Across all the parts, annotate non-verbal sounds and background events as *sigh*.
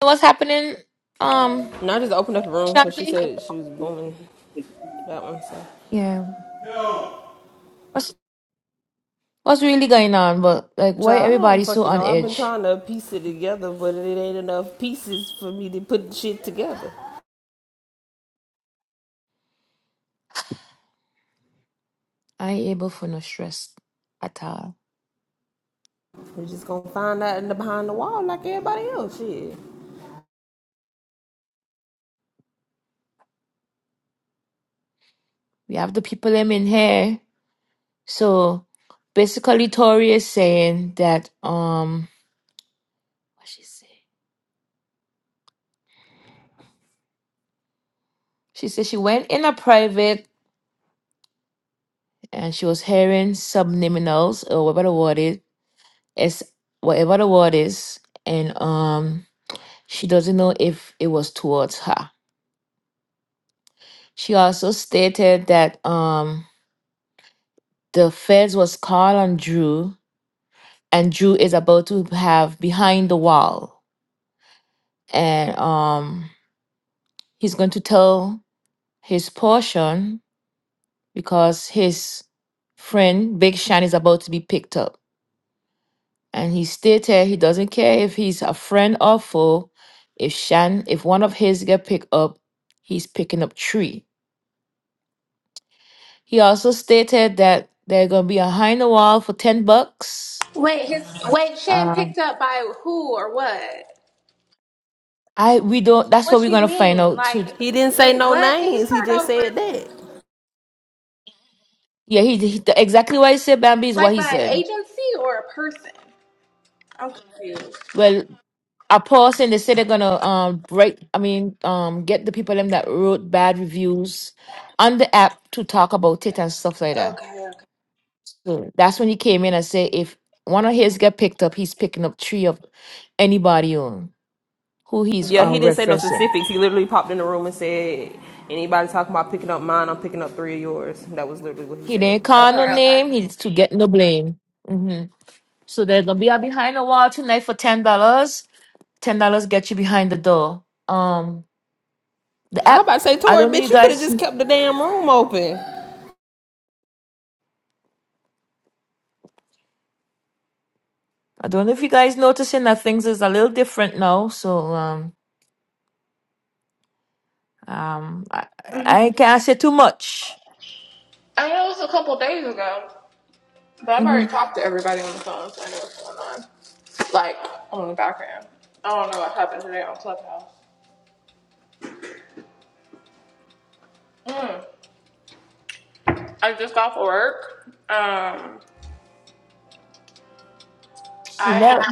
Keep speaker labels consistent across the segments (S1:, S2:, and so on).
S1: What's happening, um,
S2: And I just opened up the room because she
S1: Shanti?
S2: said she was booming that one. So,
S1: Yeah. What's what's really going on? But like, why
S2: Child, I don't
S1: everybody so
S2: fucking
S1: on
S2: know. I've been
S1: edge?
S2: trying to piece it together, but it ain't enough pieces for me to put shit together.
S1: I ain't able for no stress at all.
S2: We're just gonna find out in the behind the wall like everybody else. Shit.
S1: We have the people them in here. So basically, Tori is saying that um, what she say? She said she went in a private and she was hearing subliminals or whatever the word is, is whatever the word is, and um, she doesn't know if it was towards her. She also stated that um, the feds was called on Drew, and Drew is about to have behind the wall, and um, he's going to tell his portion because his friend Big Shine is about to be picked up, and he stated he doesn't care if he's a friend or foe. If Shan, if one of his get picked up, he's picking up three. He also stated that they're gonna be behind the wall for ten bucks
S3: Wait, his wait, Shan
S1: Um,
S3: picked up by who or what?
S1: I we don't. That's what
S3: What
S1: we're
S3: you
S1: gonna find
S3: mean?
S1: out
S3: Like,
S1: too.
S2: He didn't say
S3: wait,
S2: no
S3: what? Can you
S2: names. He
S3: start
S2: just
S3: over?
S2: said that.
S1: Yeah, he, he exactly what he said. Bambi is
S3: Like
S1: what he
S3: by an
S1: said.
S3: agency or a person? I'm confused.
S1: Well, a pause and they say they're gonna um break. I mean, um, get the people them that wrote bad reviews on the app to talk about it and stuff like that. So that's when he came in and said if one of his get picked up, he's picking up three of anybody on who he's uh,
S2: Yeah, he didn't say no
S1: referencing.
S2: specifics. He literally popped in the room and said, "Anybody talking about picking up mine? I'm picking up three of yours." That was literally what he
S1: He
S2: said.
S1: didn't call no name. He's to get no blame. hmm So there's gonna be a behind the wall tonight for ten dollars ten dollars get you behind the door. Um, the
S2: I was
S1: app.
S2: about to say,
S1: I
S2: Tori,
S1: don't know you
S2: bitch, you could have
S1: guys.
S2: just kept the damn room open.
S1: I don't know if you guys noticing that things is a little different now. So um um I, I can't say too much.
S3: I know it was a couple days ago, but I've
S1: hmm
S3: already talked to everybody on the phone, so I know what's going on. Like on the background. I don't know what happened today on Clubhouse. I just got off of work. Um,
S1: You never.
S3: I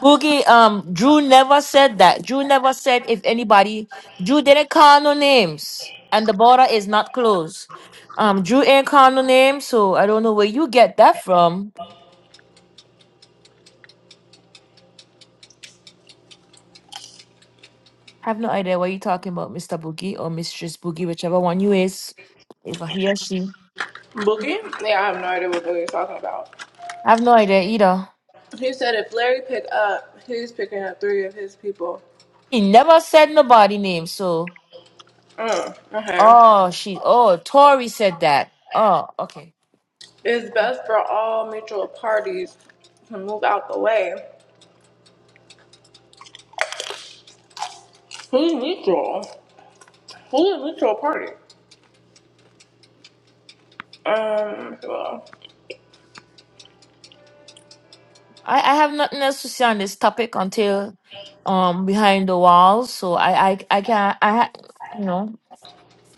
S1: Boogie, um, Drew never said that. Drew never said if anybody. Drew didn't call no names, and the border is not closed. Um, Drew ain't call no names, so I don't know where you get that from. I have no idea what you're talking about, Mr. Boogie or Mistress Boogie, whichever one you is. If I he or she.
S3: booking. Yeah, I have no idea what Billy was talking about.
S1: I have no idea either.
S3: He said if Larry picked up, he's picking up three of his people.
S1: He never said nobody name, so
S3: Mm, okay.
S1: oh she oh Tori said that. Oh, okay.
S3: It's best for all mutual parties to move out the way. Who's mutual? Who's a mutual party? Um, well,
S1: I, I have nothing else to say on this topic until um behind the walls. So I I, I can I ha- you know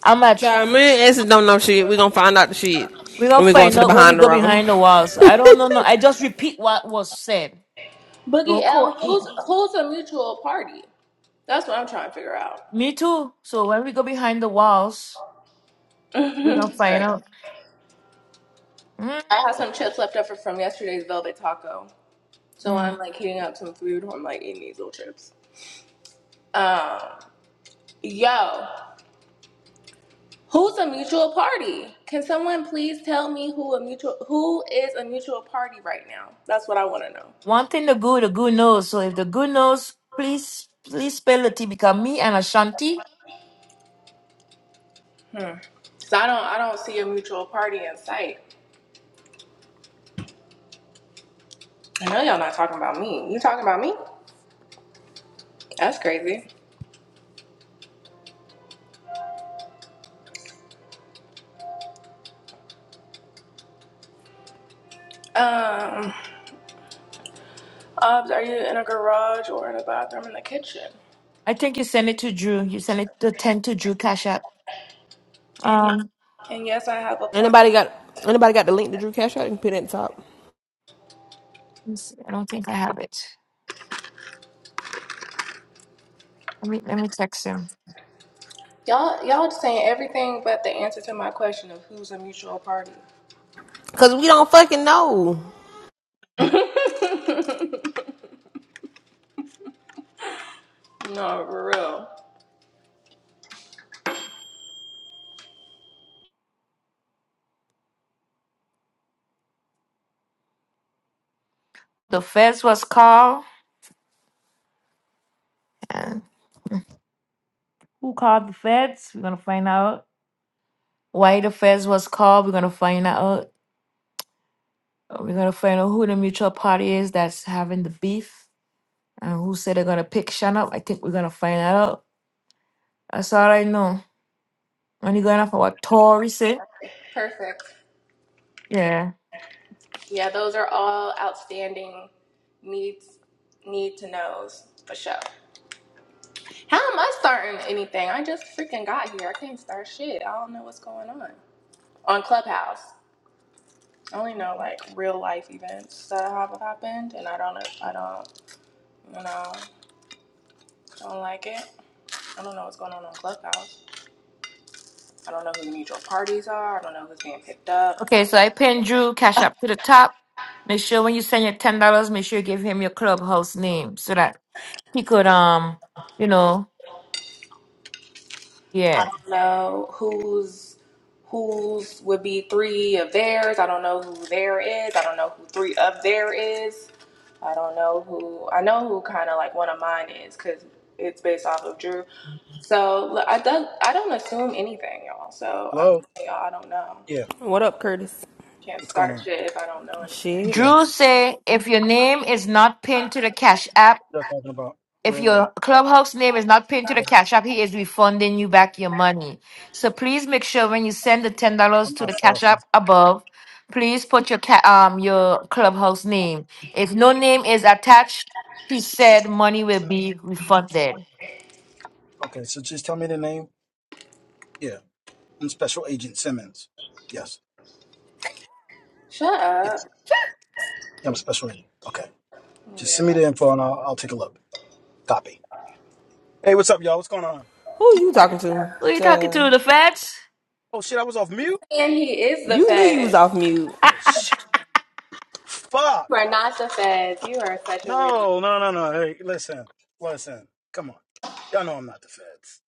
S1: I'm at
S2: Child, me and Essence don't know shit. We gonna find out the shit
S1: we're gonna
S2: when we go
S1: find
S2: into the
S1: out when we
S2: behind the
S1: go
S2: room.
S1: behind the walls. I don't know no I just repeat what was said.
S3: Boogie
S1: Don't
S3: L,
S1: quote me.
S3: who's who's a mutual party? That's what I'm trying to figure out.
S1: Me too. So when we go behind the walls
S3: *laughs*
S1: We're gonna find
S3: Sorry.
S1: out. Mm,
S3: I have some chips left over from yesterday's velvet taco. So I'm
S1: mm.
S3: like heating up some food. I'm like eating these little chips. Um, yo. Who's a mutual party? Can someone please tell me who a mutual who is a mutual party right now? That's what I want to know.
S1: One thing the good, the good knows. So if the good knows, please, please spell the T because me and Ashanti,
S3: Cause I don't I don't see a mutual party in sight. I know y'all not talking about me. You talking about me? That's crazy. Um, Obs, are you in a garage or in a bathroom in the kitchen?
S1: I think you send it to Drew. You send it to ten to Drew Cash App.
S3: And you,
S1: Um,
S3: and yes, I have a plan.
S2: Anybody got anybody got the link to Drew Cash? I can put it at the top.
S1: let me see. I don't think I have it. Let me let me text him.
S3: Y'all y'all just saying everything but the answer to my question of who's a mutual party.
S2: Cause we don't fucking know.
S3: No, for real.
S1: The feds was called. And who called the feds? We're gonna find out why the feds was called. We're gonna find out. We're gonna find out who the mutual party is that's having the beef and who said they're gonna pick Shannon. up. I think we're gonna find out. That's all I know. Only going off of what Tori said.
S3: Perfect.
S1: Yeah.
S3: Yeah, those are all outstanding needs need to knows for sure. How am I starting anything? I just freaking got here. I can't start shit. I don't know what's going on. On Clubhouse. I only know like real life events that have happened and I don't I don't you know, don't like it. I don't know what's going on on Clubhouse. I don't know who the mutual parties are. I don't know who's being picked up.
S1: Okay, so I pinned Drew Cash App to the top. Make sure when you send your ten dollars, make sure you give him your clubhouse name so that he could um, you know,
S3: I
S1: yeah.
S3: don't know who's who's would be three of theirs. I don't know who there is. I don't know who three of there is. I don't know who. I know who kind of like one of mine is because it's based off of Drew. So look, I don't I don't assume anything, y'all. So I'm
S4: Hello?
S3: telling y'all I don't know.
S4: Yeah.
S2: What up, Curtis?
S3: Can't
S4: What's going
S3: start
S4: on?
S3: shit if I don't know anything.
S2: Shit.
S4: Yeah.
S1: Drew say if your name is not pinned to the Cash App.
S4: They're talking about
S1: If
S4: where they at.
S1: your clubhouse name is not pinned to the
S4: Okay.
S1: Cash App, he is refunding you back your money. So please make sure when you send the ten dollars
S4: I'm
S1: to
S4: not
S1: the
S4: far
S1: Cash
S4: from.
S1: App above, please put your ca- um your clubhouse name. If no name is attached, he said money will
S4: Sen-
S1: be refunded.
S4: Okay. So just tell me the name. Yeah. I'm Special Agent Simmons. Yes.
S3: Shut
S4: Yes.
S3: up,
S4: Yeah, I'm Special Agent. Okay. Just send me
S3: weirdo.
S4: the info and I'll, I'll take a look. Copy. Hey, what's up, y'all? What's going on?
S2: Who you talking to?
S1: Who are you talking
S2: Child.
S1: to? The feds?
S4: Oh, shit. I was off mute?
S3: And he is the
S2: You knew you was
S3: Fed.
S2: off mute.
S4: Oh, shit. Fuck.
S3: You are not the feds. You are such a weirdo.
S4: No, no, no, no. Hey, listen. Listen. Come on. Y'all know I'm not the feds.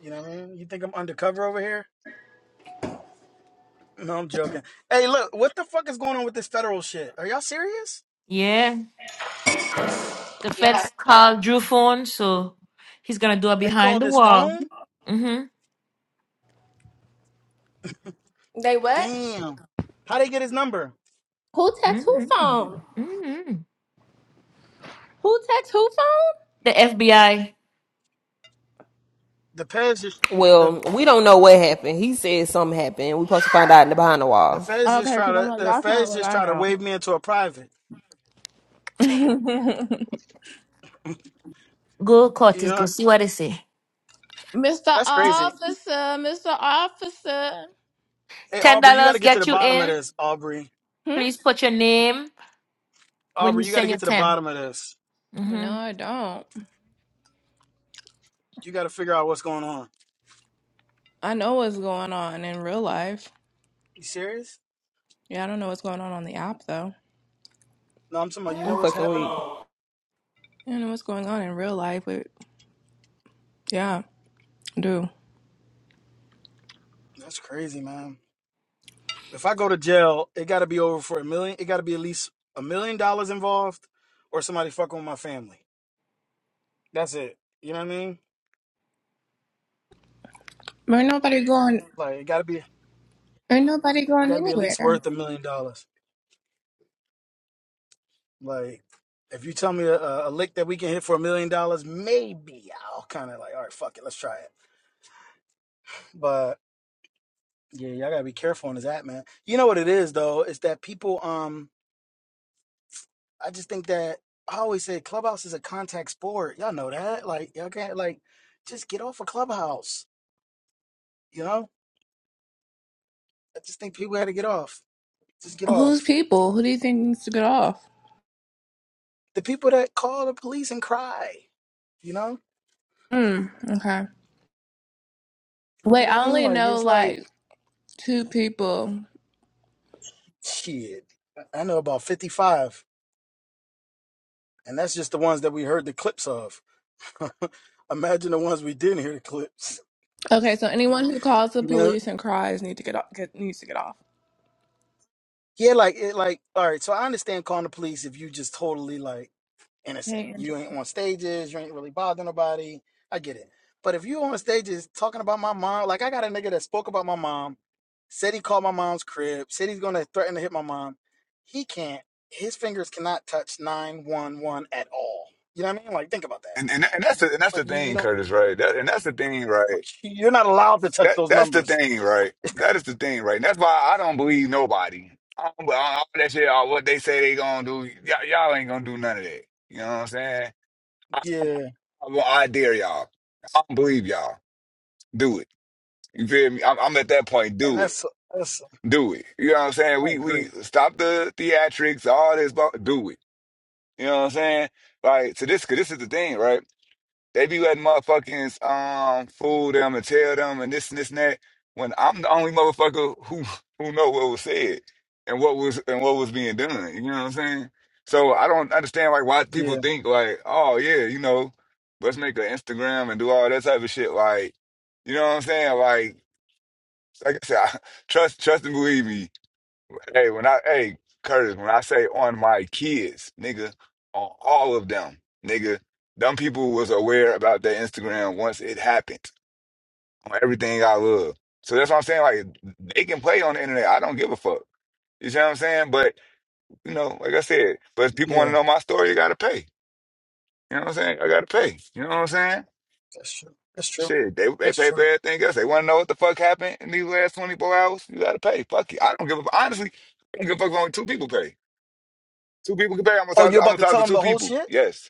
S4: You know what I mean? You think I'm undercover over here? No, I'm joking. Hey, look, what the fuck is going on with this federal shit? Are y'all serious?
S1: Yeah, the feds called Drew phone, so he's gonna do a
S4: They
S1: behind
S4: called
S1: the
S4: his
S1: wall.
S4: phone?
S1: Mm-hmm.
S3: They what?
S4: Damn. How they get his number?
S3: Who text who
S1: Mm-hmm.
S3: phone?
S1: Mm-hmm.
S3: Who text who
S1: The FBI
S4: The feds just the
S2: Well, we don't know what happened. He said something happened. We supposed to find out in the behind the
S4: the
S2: wall.
S4: feds
S3: phone?
S4: just
S3: Okay,
S4: try
S3: because I'm
S4: to
S3: like,
S4: the
S3: that's not
S4: feds
S3: what
S4: just
S3: I
S4: try to
S3: know.
S4: wave me into a private.
S1: go court
S4: You
S1: is
S4: know
S1: go see what they say.
S3: Mr.
S4: that's crazy.
S3: Officer, Mr. Officer.
S4: Hey
S1: Ten
S4: Aubrey, you gotta
S1: dollars
S4: get to
S1: get
S4: the
S1: you
S4: bottom of
S1: in.
S4: this, Aubrey.
S3: Hmm?
S1: Please put your name when you
S4: Aubrey, you gotta
S1: send your
S4: get to the
S1: 10
S4: bottom of this.
S3: No,
S1: Mm-hmm.
S3: I don't.
S4: You gotta figure out what's going on.
S3: I know what's going on in real life.
S4: You serious?
S3: Yeah, I don't know what's going on on the app, though.
S4: No, I'm talking about you know
S2: I'm
S4: what's
S2: fucking weak.
S4: happening?
S3: I don't know what's going on in real life, but yeah, I do.
S4: That's crazy, man. If I go to jail, it got to be over for a million. It got to be at least a million dollars involved, or somebody fucking with my family. That's it. You know what I mean?
S3: But ain't nobody going,
S4: Like it got to be,
S3: ain't nobody
S4: it
S3: going
S4: got to be at least
S3: anywhere.
S4: worth a million dollars. Like if you tell me a, a lick that we can hit for a million dollars, maybe I'll kind of like, all right, fuck it, let's try it. But yeah, y'all gotta be careful on this app, man. You know what it is though? It's that people. Um, I just think that I always say Clubhouse is a contact sport. Y'all know that. Like y'all can't like just get off a Clubhouse. You know? I just think people had to get off. Just get
S3: Who's
S4: off.
S3: people? Who do you think needs to get off?
S4: The people that call the police and cry, you know,
S3: Hmm, okay.
S4: you
S3: Wait,
S4: know what
S3: I
S4: I mean?
S3: only
S4: Like
S3: know
S4: it's like
S3: like two people.
S4: shit. I know about fifty-five, and that's just the ones that we heard the clips of. *laughs* Imagine the ones we didn't hear the clips. *laughs*
S3: Okay, so anyone who calls the
S4: You know?
S3: police and cries need to get off, get, needs to get off.
S4: Yeah, like it. Like all right. So I understand calling the police if you just totally like. innocent.
S3: Hey, Andrew.
S4: You ain't on stages. You ain't really bothering nobody. I get it. But if you on stages talking about my mom, like I got a nigga that spoke about my mom, said he called my mom's crib, said he's gonna threaten to hit my mom. He can't. His fingers cannot touch nine one one at all. You know what I mean? Like think about that.
S5: And, and and that's the and that's the
S4: Like you, you
S5: thing,
S4: don't.
S5: Curtis, right? That, and that's the thing, right?
S4: Like, *laughs* you're not allowed to touch
S5: That
S4: those
S5: that's the
S4: numbers.
S5: thing, right? That is the thing, right? And that's why I don't believe nobody. I don't, I don't- all that shit, all what they say they gonna do, y'all, y'all ain't gonna do none of that. You know what I'm saying? I,
S4: Yeah,
S5: I, well, I dare y'all. I don't believe y'all. Do it. You feel me? I'm, I'm at that point.
S4: and
S5: Do it.
S4: that's that's.
S5: Do it. You know what I'm saying?
S4: I
S5: We we
S4: agree.
S5: stop the theatrics, all this. bu- Do it. You know what I'm saying? Like so, because this is the thing, right? They be letting motherfuckers um fool them and tell them and this and this and that. When I'm the only motherfucker who who know what was said and what was and what was being done. You know what I'm saying? So I don't understand like why people
S4: Yeah,
S5: think like, oh yeah, you know, let's make an Instagram and do all that type of shit. Like, you know what I'm saying? Like, like I said, *laughs* I, trust, trust and believe me. Hey, when I hey Curtis, when I say on my kids, nigga, on all of them, nigga, them people was aware about their Instagram once it happened on everything I love. So that's what I'm saying. Like they can play on the internet. I don't give a fuck. You see what I'm saying? But you know, like I said, but if people want to
S4: yeah,
S5: know my story, you gotta pay. You know what I'm saying? I gotta pay. You know what I'm saying?
S4: that's true. That's true.
S5: Shit, they they
S4: That's
S5: pay for
S4: true.
S5: everything else. They want to know what the fuck happened in these last 24 hours. You gotta pay. Fuck it. I don't give a honestly. I don't give a fuck if only two people pay. Two people can pay. I'm gonna
S4: Oh,
S5: talk.
S4: you're
S5: I'm
S4: about
S5: gonna
S4: to
S5: talk
S4: tell
S5: to
S4: him
S5: two
S4: the whole
S5: people.
S4: shit?
S5: Yes.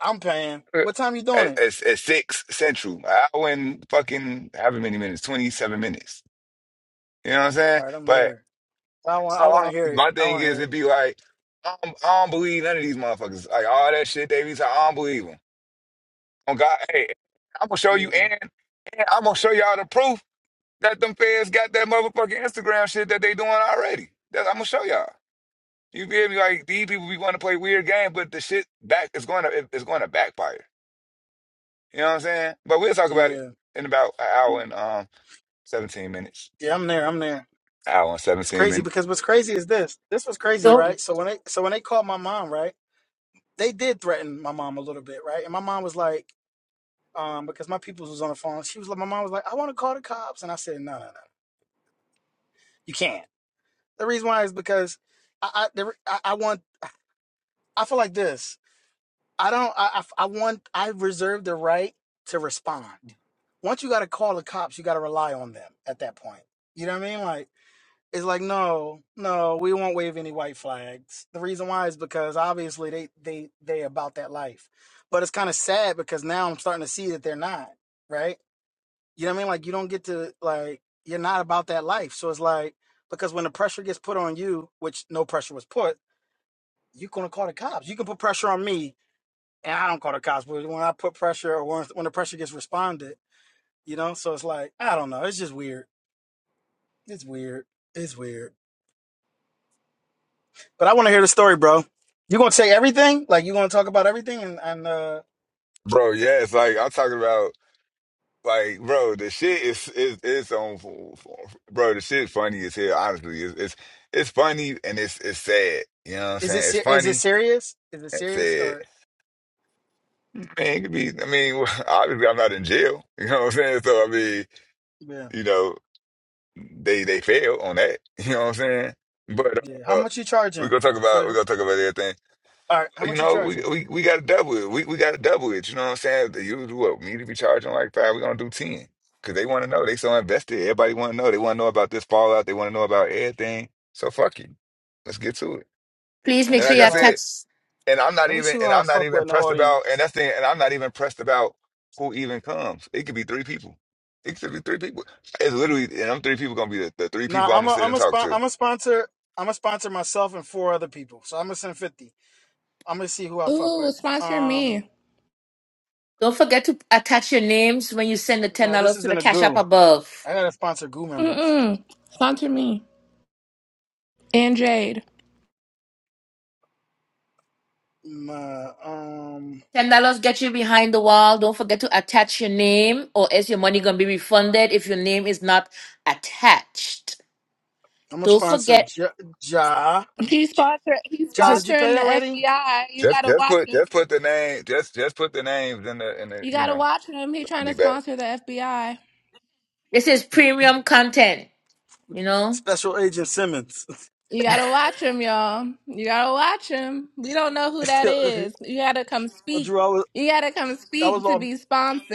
S4: I'm paying. What time you doing
S5: At,
S4: it?
S5: at, at six central, an hour and fucking however many minutes, twenty seven minutes. You know what I'm
S4: All
S5: saying?
S4: right, I'm
S5: But
S4: there. I want
S5: so
S4: I want to
S5: I-
S4: hear it.
S5: my
S4: I
S5: thing
S4: want to
S5: is,
S4: hear
S5: it'd be like I don't, I don't believe none of these motherfuckers. Like all that shit they be saying, I don't believe them. On God, hey, I'm gonna show you,
S4: it.
S5: and, and I'm gonna show y'all the proof that them feds got that motherfucking Instagram shit that they doing already. That I'm gonna show y'all. You feel me? Like these people be want to play weird game, but the shit back is going to it's going to backfire. You know what I'm saying? But we'll talk
S4: Yeah,
S5: about it
S4: yeah,
S5: in about an hour and um 17 minutes.
S4: yeah. I'm there. I'm there.
S5: Hour and
S4: It's
S5: 17
S4: crazy
S5: minutes.
S4: because what's crazy is this. This was crazy,
S1: Don't
S4: right? So when they so when they called my mom, right? They did threaten my mom a little bit, right? And my mom was like, um, because my peoples was on the phone. She was like, my mom was like, I want to call the cops, and I said, no, no, no, you can't. The reason why is because I I, the, re- I I want I feel like this. I don't. I, I, I want. I reserve the right to respond. Once you got to call the cops, you got to rely on them at that point. You know what I mean? Like it's like no, no, we won't wave any white flags. The reason why is because obviously they they they about that life, but it's kind of sad because now I'm starting to see that they're not right. You know what I mean? Like you don't get to like you're not about that life. So it's like because when the pressure gets put on you, which no pressure was put, you're gonna call the cops. You can put pressure on me and I don't call it cosplay. when I put pressure or when, when the pressure gets responded, you know, so it's like, I don't know. It's just weird. It's weird. It's weird. But I want to hear the story, bro. You gonna say everything? Like you gonna talk about everything? And, and uh,
S5: Bro, yeah, it's like I'm talking about like bro, the shit is is it's on for- for- bro, the shit funny as hell, honestly. It's it's it's funny and it's it's sad. You know what I'm
S4: is it
S5: saying? It's
S4: ser- is it
S5: funny
S4: serious? Is it
S5: and
S4: serious
S5: sad.
S4: or
S5: Man, it could be I mean, *laughs* obviously I'm not in jail. You know what I'm saying? So I mean,
S4: yeah
S5: you know, they they fail on that. *laughs* You know what I'm saying? But
S4: yeah? How
S5: uh
S4: much you
S5: we're
S4: charging
S5: gonna talk
S4: for
S5: about
S4: the?
S5: we're gonna talk about everything
S4: All right, how
S5: You
S4: much you
S5: know, we
S4: charging?
S5: we, we got to double it. We we got to double it. You know what I'm saying? The usual what me to be charging like five. We're gonna do ten because they want to know. They so invested. Everybody want to know. They want to know about this fallout. They want to know about everything. So fuck you. Let's get to it.
S1: please
S4: Let
S1: make
S4: me
S5: And
S1: sure
S5: like
S4: see
S5: I
S1: you
S4: how.
S5: said,
S1: attach.
S5: and I'm not
S4: Let me
S5: even
S4: see
S5: and
S4: how I
S5: I'm not
S4: fuck with
S5: even
S4: in the
S5: pressed about and
S4: audience.
S5: that's the and I'm not even pressed about who even comes. It could be three people. It could be three people. It's literally and them three people gonna be the, the three
S4: Nah,
S5: people I'm
S4: I'm
S5: gonna
S4: a
S5: sit
S4: I'm
S5: and
S4: a
S5: talk
S4: spon-
S5: to.
S4: I'm a sponsor. I'm a sponsor myself and four other people. So I'm gonna send fifty. I'm gonna see who I fuck
S3: Ooh,
S4: with.
S3: sponsor
S4: Um,
S3: me.
S1: Don't forget to attach your names when you send the ten
S4: No, this
S1: dollars to the
S4: isn't a
S1: cash app
S4: goo.
S1: above.
S4: I gotta sponsor goo members.
S3: Mm-mm. Sponsor me. And Jade.
S4: Nah, um,
S1: Ten dollars get you behind the wall. Don't forget to attach your name, or else your money gonna be refunded if your name is not attached.
S4: I'm gonna
S1: Don't
S4: sponsor
S1: forget
S4: Ja. Ja,
S3: He sponsor. He's
S1: this
S4: ja did
S1: is
S4: you
S3: sponsoring
S4: pay
S3: the
S4: already?
S3: FBI. You
S5: Just
S3: gotta
S5: just
S3: watch
S5: put
S3: him.
S5: just put the name just just put the names in the in the
S3: You
S5: you
S3: gotta
S5: know.
S3: watch him. He
S5: I'll
S3: trying
S5: be
S3: to
S5: back.
S3: sponsor the FBI.
S1: this is premium content. You know.
S4: Special Agent Simmons.
S3: You gotta watch him, y'all. You gotta watch him. We don't know who
S4: *laughs*
S3: that is. You gotta come speak.
S4: Drew, I was,
S3: You gotta come
S4: I was
S3: speak to
S4: off,
S3: be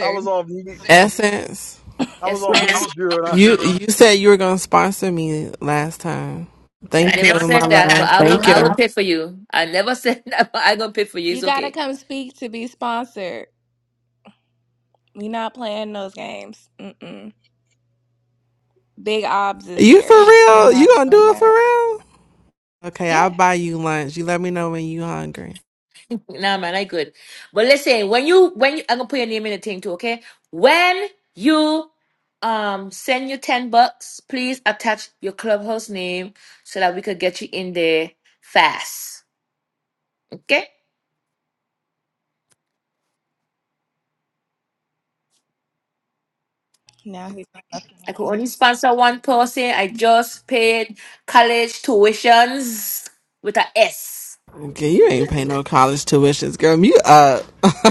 S4: I was off mute.
S6: Essence,
S4: I was
S1: Yes,
S4: off
S3: *laughs*
S1: ma'am.
S4: mute, Drew. And I,
S6: you
S4: *laughs*
S6: you said you were gonna sponsor me last time.
S1: I
S6: Thank
S1: never
S6: you, my
S1: said that, but
S6: love.
S1: I will.
S6: Thank
S1: I will
S6: you.
S1: pay for you. I never said *laughs* that, but I gonna pay for you.
S3: you
S1: It's
S3: gotta
S1: okay.
S3: come speak to be sponsored. We not playing those games. Mm-mm. Big Obs is
S6: You for
S3: here. We're
S6: real?
S3: not
S6: You gonna
S3: doing
S6: do it for
S3: that.
S6: real? Okay, I'll
S1: Yeah.
S6: buy you lunch. You let me know when you hungry.
S1: Nah, man, I good. But listen, when you when you, I'm gonna put your name in the thing too, okay? When you um send your ten bucks, please attach your clubhouse name so that we could get you in there fast. Okay?
S3: Now he's.
S1: I could only sponsor one person. I just paid college tuitions with a S.
S6: Okay, you ain't pay no college tuitions, girl. You up?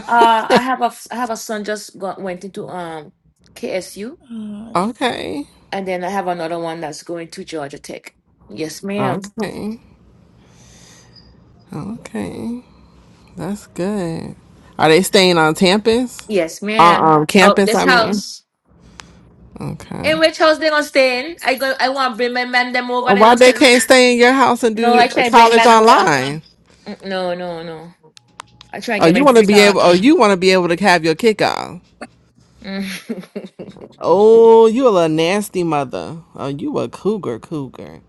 S1: Uh, I have a f- I have a son just got, went into um KSU,
S3: Mm,
S6: Okay,
S1: and then I have another one that's going to Georgia Tech. Yes, ma'am.
S6: okay, okay. That's good. Are they staying on campus?
S1: Yes, ma'am.
S6: On um,
S1: Oh,
S6: campus,
S1: this
S6: I mean.
S1: house.
S6: Okay.
S1: In which house they gonna stay in? I go. I want to bring my man them over. They
S6: Why
S1: don't
S6: they
S1: tell.
S6: can't stay in your house and
S1: No,
S6: do
S1: I try to bring
S6: college
S1: man over.
S6: online?
S1: Mm, No, no, no. I try to
S6: Oh,
S1: get my
S6: you want to
S1: freak
S6: be able?
S1: on.
S6: Oh, you want to be able to have your kick off?
S1: Mm.
S6: Oh, you a little nasty mother. Oh, you a cougar, cougar.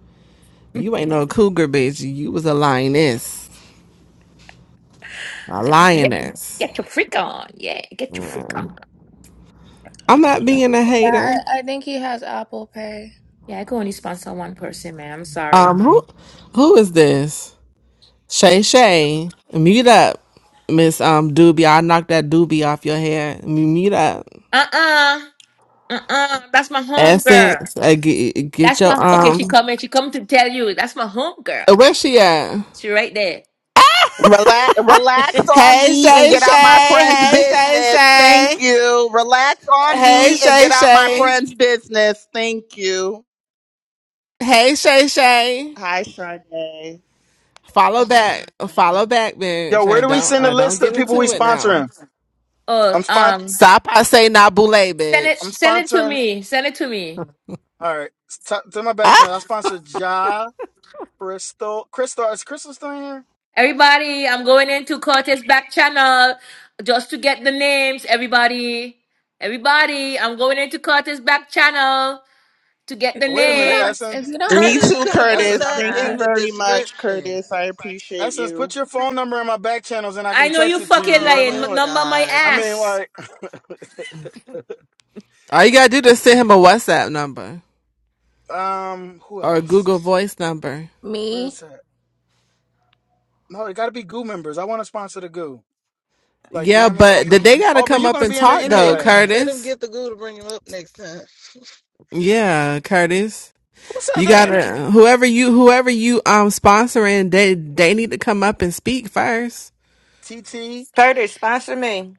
S6: You ain't no cougar, bitch. You was a lioness, a
S1: *laughs* get,
S6: lioness.
S1: get your freak on. Yeah, get your
S6: Yeah.
S1: freak on.
S6: I'm not being a hater.
S3: Yeah, I, I think he has Apple Pay.
S1: Yeah, I can only sponsor one person, man. I'm sorry.
S6: Um, who, who is this? Shay Shay, mute up, Miss Um Doobie. I knocked that Doobie off your hair. M- Mute up,
S1: Uh-uh. Uh-uh. That's my home girl.
S6: Essence. Uh, get, get
S1: That's
S6: your
S1: my okay. She
S6: um.
S1: coming. She come to tell you. That's my home girl.
S6: uh, Where she at?
S1: She right there.
S7: Relax, relax on
S6: Hey
S7: me and
S6: Shay
S7: get
S6: Shay,
S7: out my friend's
S6: hey Shay
S7: business. Thank
S6: Shay,
S7: you. Relax on
S6: hey
S7: me and
S6: Shay
S7: get out my
S6: Shay,
S7: friend's business. Thank you.
S6: hey Shay Shay.
S7: Hi, Sade.
S6: Follow back, follow back,
S4: yo,
S6: bitch.
S4: where
S6: I
S4: do we
S6: don't,
S4: send the
S6: I don't
S4: list of
S6: get
S4: the people we
S6: into it now.
S4: sponsoring?
S1: Oh,
S4: I'm spon-
S1: um,
S6: Stop! I say Nabule,
S1: send it.
S4: I'm
S6: bitch.
S1: Send it to
S4: sponsoring.
S1: me. Send it to me.
S4: All right, t- to my back channel. I
S6: Ah!
S4: sponsor Ja, Crystal, Crystal. Is Crystal still in here?
S1: Everybody, I'm going into Cortez back channel just to get the names. Everybody, everybody, I'm going into Cortez back channel to get the
S4: Wait a
S3: If you
S4: minute,
S3: don't,
S1: names.
S3: if
S4: Essence.
S3: you don't say
S7: Me
S8: Curtis
S3: my
S7: too,
S3: name,
S8: could have
S3: I'll be
S8: put
S3: so
S4: Essence
S7: Curtis.
S8: that
S7: Thank you
S8: in
S3: mad.
S8: the
S7: very much,
S8: description.
S7: Curtis. I appreciate
S4: Essence,
S7: you.
S4: put your phone number in my back channels and I
S1: I
S4: can
S1: know
S4: text
S1: you
S4: it to you.
S1: fucking
S4: You
S8: Oh
S4: know
S1: lying.
S8: my
S1: m-
S4: what
S1: Number my
S8: God.
S4: I mean?
S1: ass.
S4: Like, I mean,
S6: All you gotta do
S4: like,
S6: is send him a WhatsApp number
S4: *laughs* um, who
S6: or a
S4: else?
S6: Google Voice number.
S4: Where
S3: Me?
S4: is that? No, it got to be Goo members. I want to sponsor the Goo. Like, you know
S6: Yeah,
S4: what I mean?
S6: but
S4: Aubrey,
S6: th- they gotta
S4: Aubrey,
S6: come
S4: you're
S6: up
S4: gonna
S6: and
S4: be in there
S6: talk
S8: That's
S6: though,
S4: anyway.
S8: let him
S6: Curtis.
S8: get the goo to bring him up next time.
S6: Yeah, Curtis.
S4: Who said
S6: You
S4: that?
S6: gotta whoever you whoever you um sponsoring, they they need to come up and speak first.
S4: TT.
S9: Curtis, sponsor me.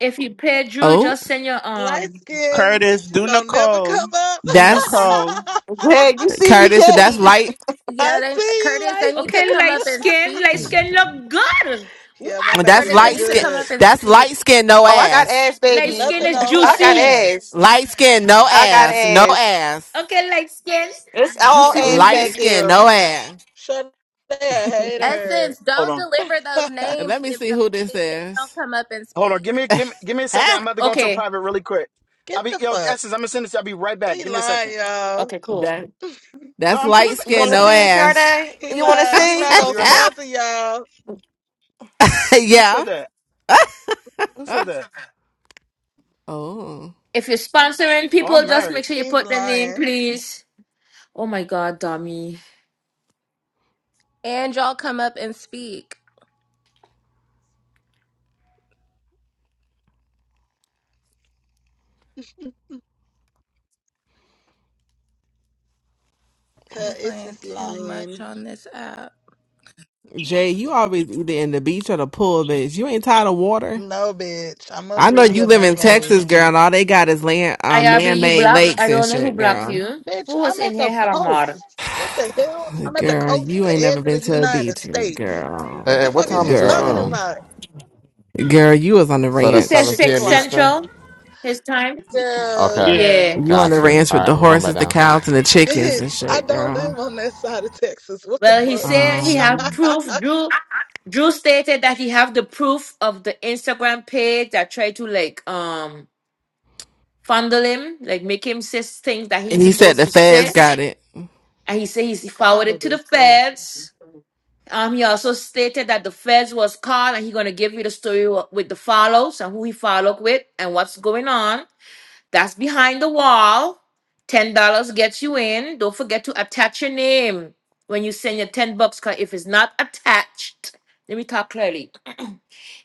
S1: If you pay Drew,
S6: Oh,
S1: just send your
S8: Light
S1: um.
S8: skin
S7: Curtis, do
S8: don't never
S7: Nicole.
S8: come up. *laughs*
S7: Do
S6: That's
S7: Nicole.
S9: *laughs* Hey, you see me,
S6: Curtis.
S4: Hold
S6: That's
S9: Jay?
S6: light.
S3: Yeah,
S8: I
S3: they
S8: see you,
S3: Curtis, they
S8: light
S3: need to
S8: skin.
S1: Okay,
S3: come
S1: light
S3: up and
S1: skin, light
S3: speak.
S1: skin look good.
S8: Yeah,
S1: What?
S8: my baby
S6: That's
S3: Curtis, they
S8: look
S6: light
S3: need to
S6: skin.
S3: come
S8: good.
S3: up and
S6: That's
S3: speak.
S6: light skin. No
S9: Oh, I got
S6: ass.
S9: ass,
S1: Light
S9: baby.
S1: skin
S8: Nothing
S1: is
S8: on
S9: *laughs* I
S8: her
S9: got
S1: juicy.
S8: ass.
S9: ass.
S6: Light skin. No
S9: I got
S6: ass. No
S9: ass.
S6: ass.
S1: Okay, light skin,
S9: It's all
S1: juicy
S9: ass
S6: Light
S9: back
S1: booty.
S6: skin.
S9: there.
S6: No ass.
S8: Shut up,
S4: *laughs*
S8: hater.
S3: Essence,
S4: hold
S3: don't
S4: on,
S3: deliver
S8: *laughs*
S3: those
S6: And
S3: names
S6: let me
S3: if
S6: see
S3: the,
S6: who this
S3: if they don't
S6: is. *laughs*
S3: come up and
S4: hold on.
S3: speak.
S4: Give me, give me, give me a second.
S6: Ah,
S4: I'm about to go into a
S1: Okay,
S4: private really quick. I'll
S8: Get
S4: be,
S8: the
S4: yo,
S8: fuck.
S4: Essence. I'm gonna send this. to you. I'll be right back.
S8: He
S4: Give me a
S8: lying,
S4: second.
S8: y'all.
S1: okay, cool.
S6: that
S4: No,
S6: that's
S4: I'm
S6: light
S4: coming back.
S9: You
S6: skin.
S9: want to
S6: No
S4: Listen,
S9: see it,
S6: ass.
S9: Sade?
S8: He
S9: You want to
S4: I
S8: lying. He
S4: swear to
S9: see?
S8: not
S4: God, I'll
S8: gonna
S4: be
S6: *laughs*
S4: right
S1: *laughs*
S4: back.
S8: sponsor y'all.
S4: Who said
S6: yeah.
S4: that? Who said that?
S6: Oh,
S1: if you're sponsoring
S4: Oh,
S1: people,
S4: I'm
S1: just make
S4: married.
S1: sure you
S8: He's
S1: put the name,
S8: lying.
S1: please. Oh my god, dummy.
S3: And y'all come up and speak.
S8: Cause
S3: You're
S8: it's
S3: playing
S8: just
S3: too
S8: lying.
S3: much on this app.
S6: Jay, you always either in the beach or the pool, bitch. You ain't tired of water.
S8: No, bitch. I'm a
S6: I know
S8: really
S6: you
S8: a
S6: live in
S8: mermaid.
S6: Texas, girl, and all they got is land, um,
S1: IRB, you
S6: man-made
S1: black. I
S6: lakes and
S1: don't know who
S6: shit,
S1: blocked
S6: girl.
S1: you.
S8: Bitch,
S1: Who was
S8: I'm
S1: in
S8: at the
S1: here had a mod?
S8: coast. What the hell? I'm at the
S6: Girl,
S8: coast,
S6: you
S8: the
S6: ain't
S8: edge
S6: never been
S8: of the
S6: to a
S8: United
S6: beach,
S8: States.
S10: Hey,
S8: What
S6: girl.
S10: hey,
S8: the
S10: what
S8: fuck is
S10: time
S8: you *laughs*
S10: is this
S8: talking
S10: room?
S6: Girl,
S8: about?
S6: girl, you was on the
S10: So
S1: He
S10: that's
S1: said
S6: ranch.
S10: 7
S8: Six
S1: six
S10: p.m.
S8: o'clock.
S10: Eastern?
S1: central his time.
S8: Yeah,
S10: Okay,
S7: Yeah.
S1: Yeah.
S6: You on the
S10: got you.
S6: ranch
S10: All
S6: with
S10: right,
S6: the
S10: I'm going back
S6: horses, the
S10: down.
S6: cows, and the chickens and
S8: bitch, I
S6: shit,
S8: don't
S6: girl.
S8: live on that side of Texas. What the
S1: Well, he said he have
S8: fuck?
S6: Um,
S1: proof. Drew Drew stated that he have the proof of the Instagram page that tried to like um fondle him, like make him say things that
S6: and
S1: he's
S6: he said
S1: supposed
S6: the
S1: to
S6: feds
S1: say.
S6: got it.
S1: And he said he's
S8: *laughs*
S1: forwarded
S8: Fondled
S1: to the
S8: is crazy.
S1: feds. Um, he also stated that the feds was called and he's gonna give you the story wh- with the follows and who he followed with and what's going on. That's behind the wall. Ten dollars gets you in. Don't forget to attach your name when you send your ten bucks. Cause if it's not attached, let me talk clearly. *clears throat*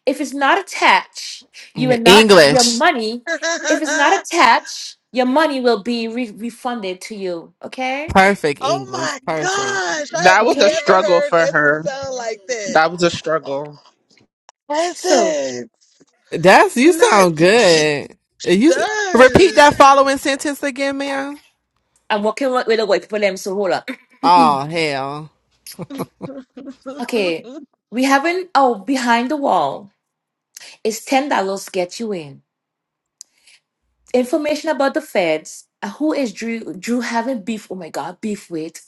S1: If it's not attached, you are not your
S6: English,
S1: money.
S8: *laughs*
S1: If it's not
S8: oh
S1: attached, your money will be re- refunded to you. Okay.
S6: perfect English,
S8: my
S6: perfect.
S8: gosh, I have
S7: That was a
S1: Okay.
S8: never
S7: struggle
S8: heard
S7: for
S8: Essie
S7: her.
S8: sound like that.
S7: That was a struggle.
S1: So
S8: Essex,
S6: That's you
S8: nuts,
S6: sound good. You s- repeat
S8: does.
S6: that following sentence again, ma'am.
S1: I'm working with with the white people. Them so hold up.
S6: Oh hell,
S8: *laughs*
S1: Okay, we haven't. Oh, behind the wall is ten dollars get you in. Information about the feds. uh, Who is Drew? Drew having beef? Oh my God, beef with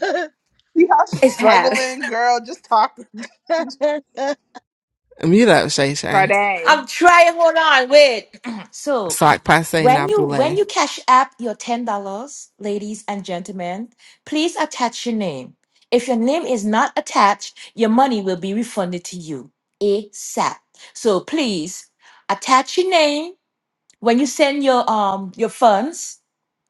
S8: *laughs*
S7: See how she's
S1: It's had.
S7: struggling, girl? Just talk.
S8: I'm
S6: mute up, Shay Shay.
S1: *laughs*
S7: Sade.
S1: I'm trying. Hold on, wait. *clears throat* so
S6: Sock passe,
S1: when
S6: not
S1: you when
S6: boule.
S1: you cash app your ten dollars, ladies and gentlemen, please attach your name. If your name is not attached, your money will be refunded to you ASAP. So please attach your name when you send your um your funds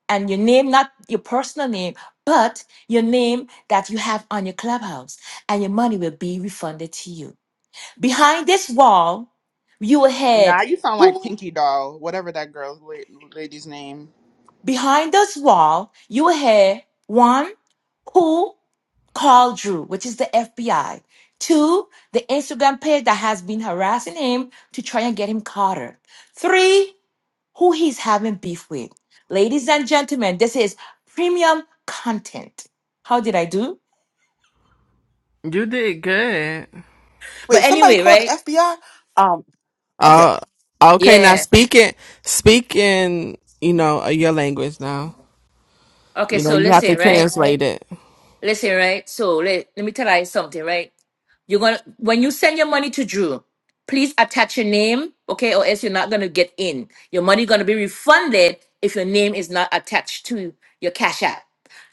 S1: and your name, not your personal name, but your name that you have on your clubhouse, and your money will be refunded to you. Behind this wall, you will hear
S7: Nah, you sound like
S1: who,
S7: Pinky Doll, whatever that girl's la- lady's name.
S1: behind this wall, you will hear one, who called Drew, which is the FBI. Two, the Instagram page that has been harassing him to try and get him caught. Three, who he's having beef with. Ladies and gentlemen, this is premium content. How did I do?
S6: You did good.
S1: But
S11: Wait, somebody
S1: anyway,
S11: called the
S1: right?
S11: FBI? Um, okay,
S6: Uh, okay, now
S1: Yeah.
S6: speaking, speaking, you know, uh, your language now.
S1: Okay,
S6: You know,
S1: so
S6: you have to
S1: listen, right?
S6: translate it.
S1: Listen, right? So let, let me tell you something, right? You're gonna when you send your money to Drew, please attach your name, okay, or else you're not gonna get in. Your money gonna be refunded if your name is not attached to your cash app.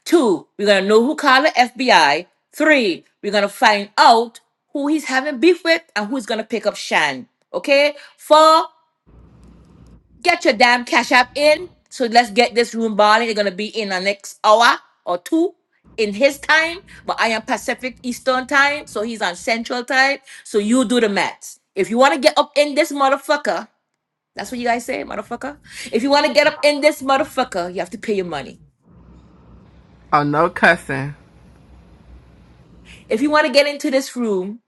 S1: Two, we're gonna know who called the FBI. Three, we're gonna find out who he's having beef with and who's gonna pick up Shan. Okay? Four, Get your damn cash app in. So let's get this room balling. They're gonna be in the next hour or two in his time, but I am Pacific Eastern time, so he's on Central time. So you do the math. If you wanna get up in this motherfucker, that's what you guys say, motherfucker. If you wanna get up in this motherfucker, you have to pay your money.
S6: Oh, no cussing.
S1: If you wanna get into this room,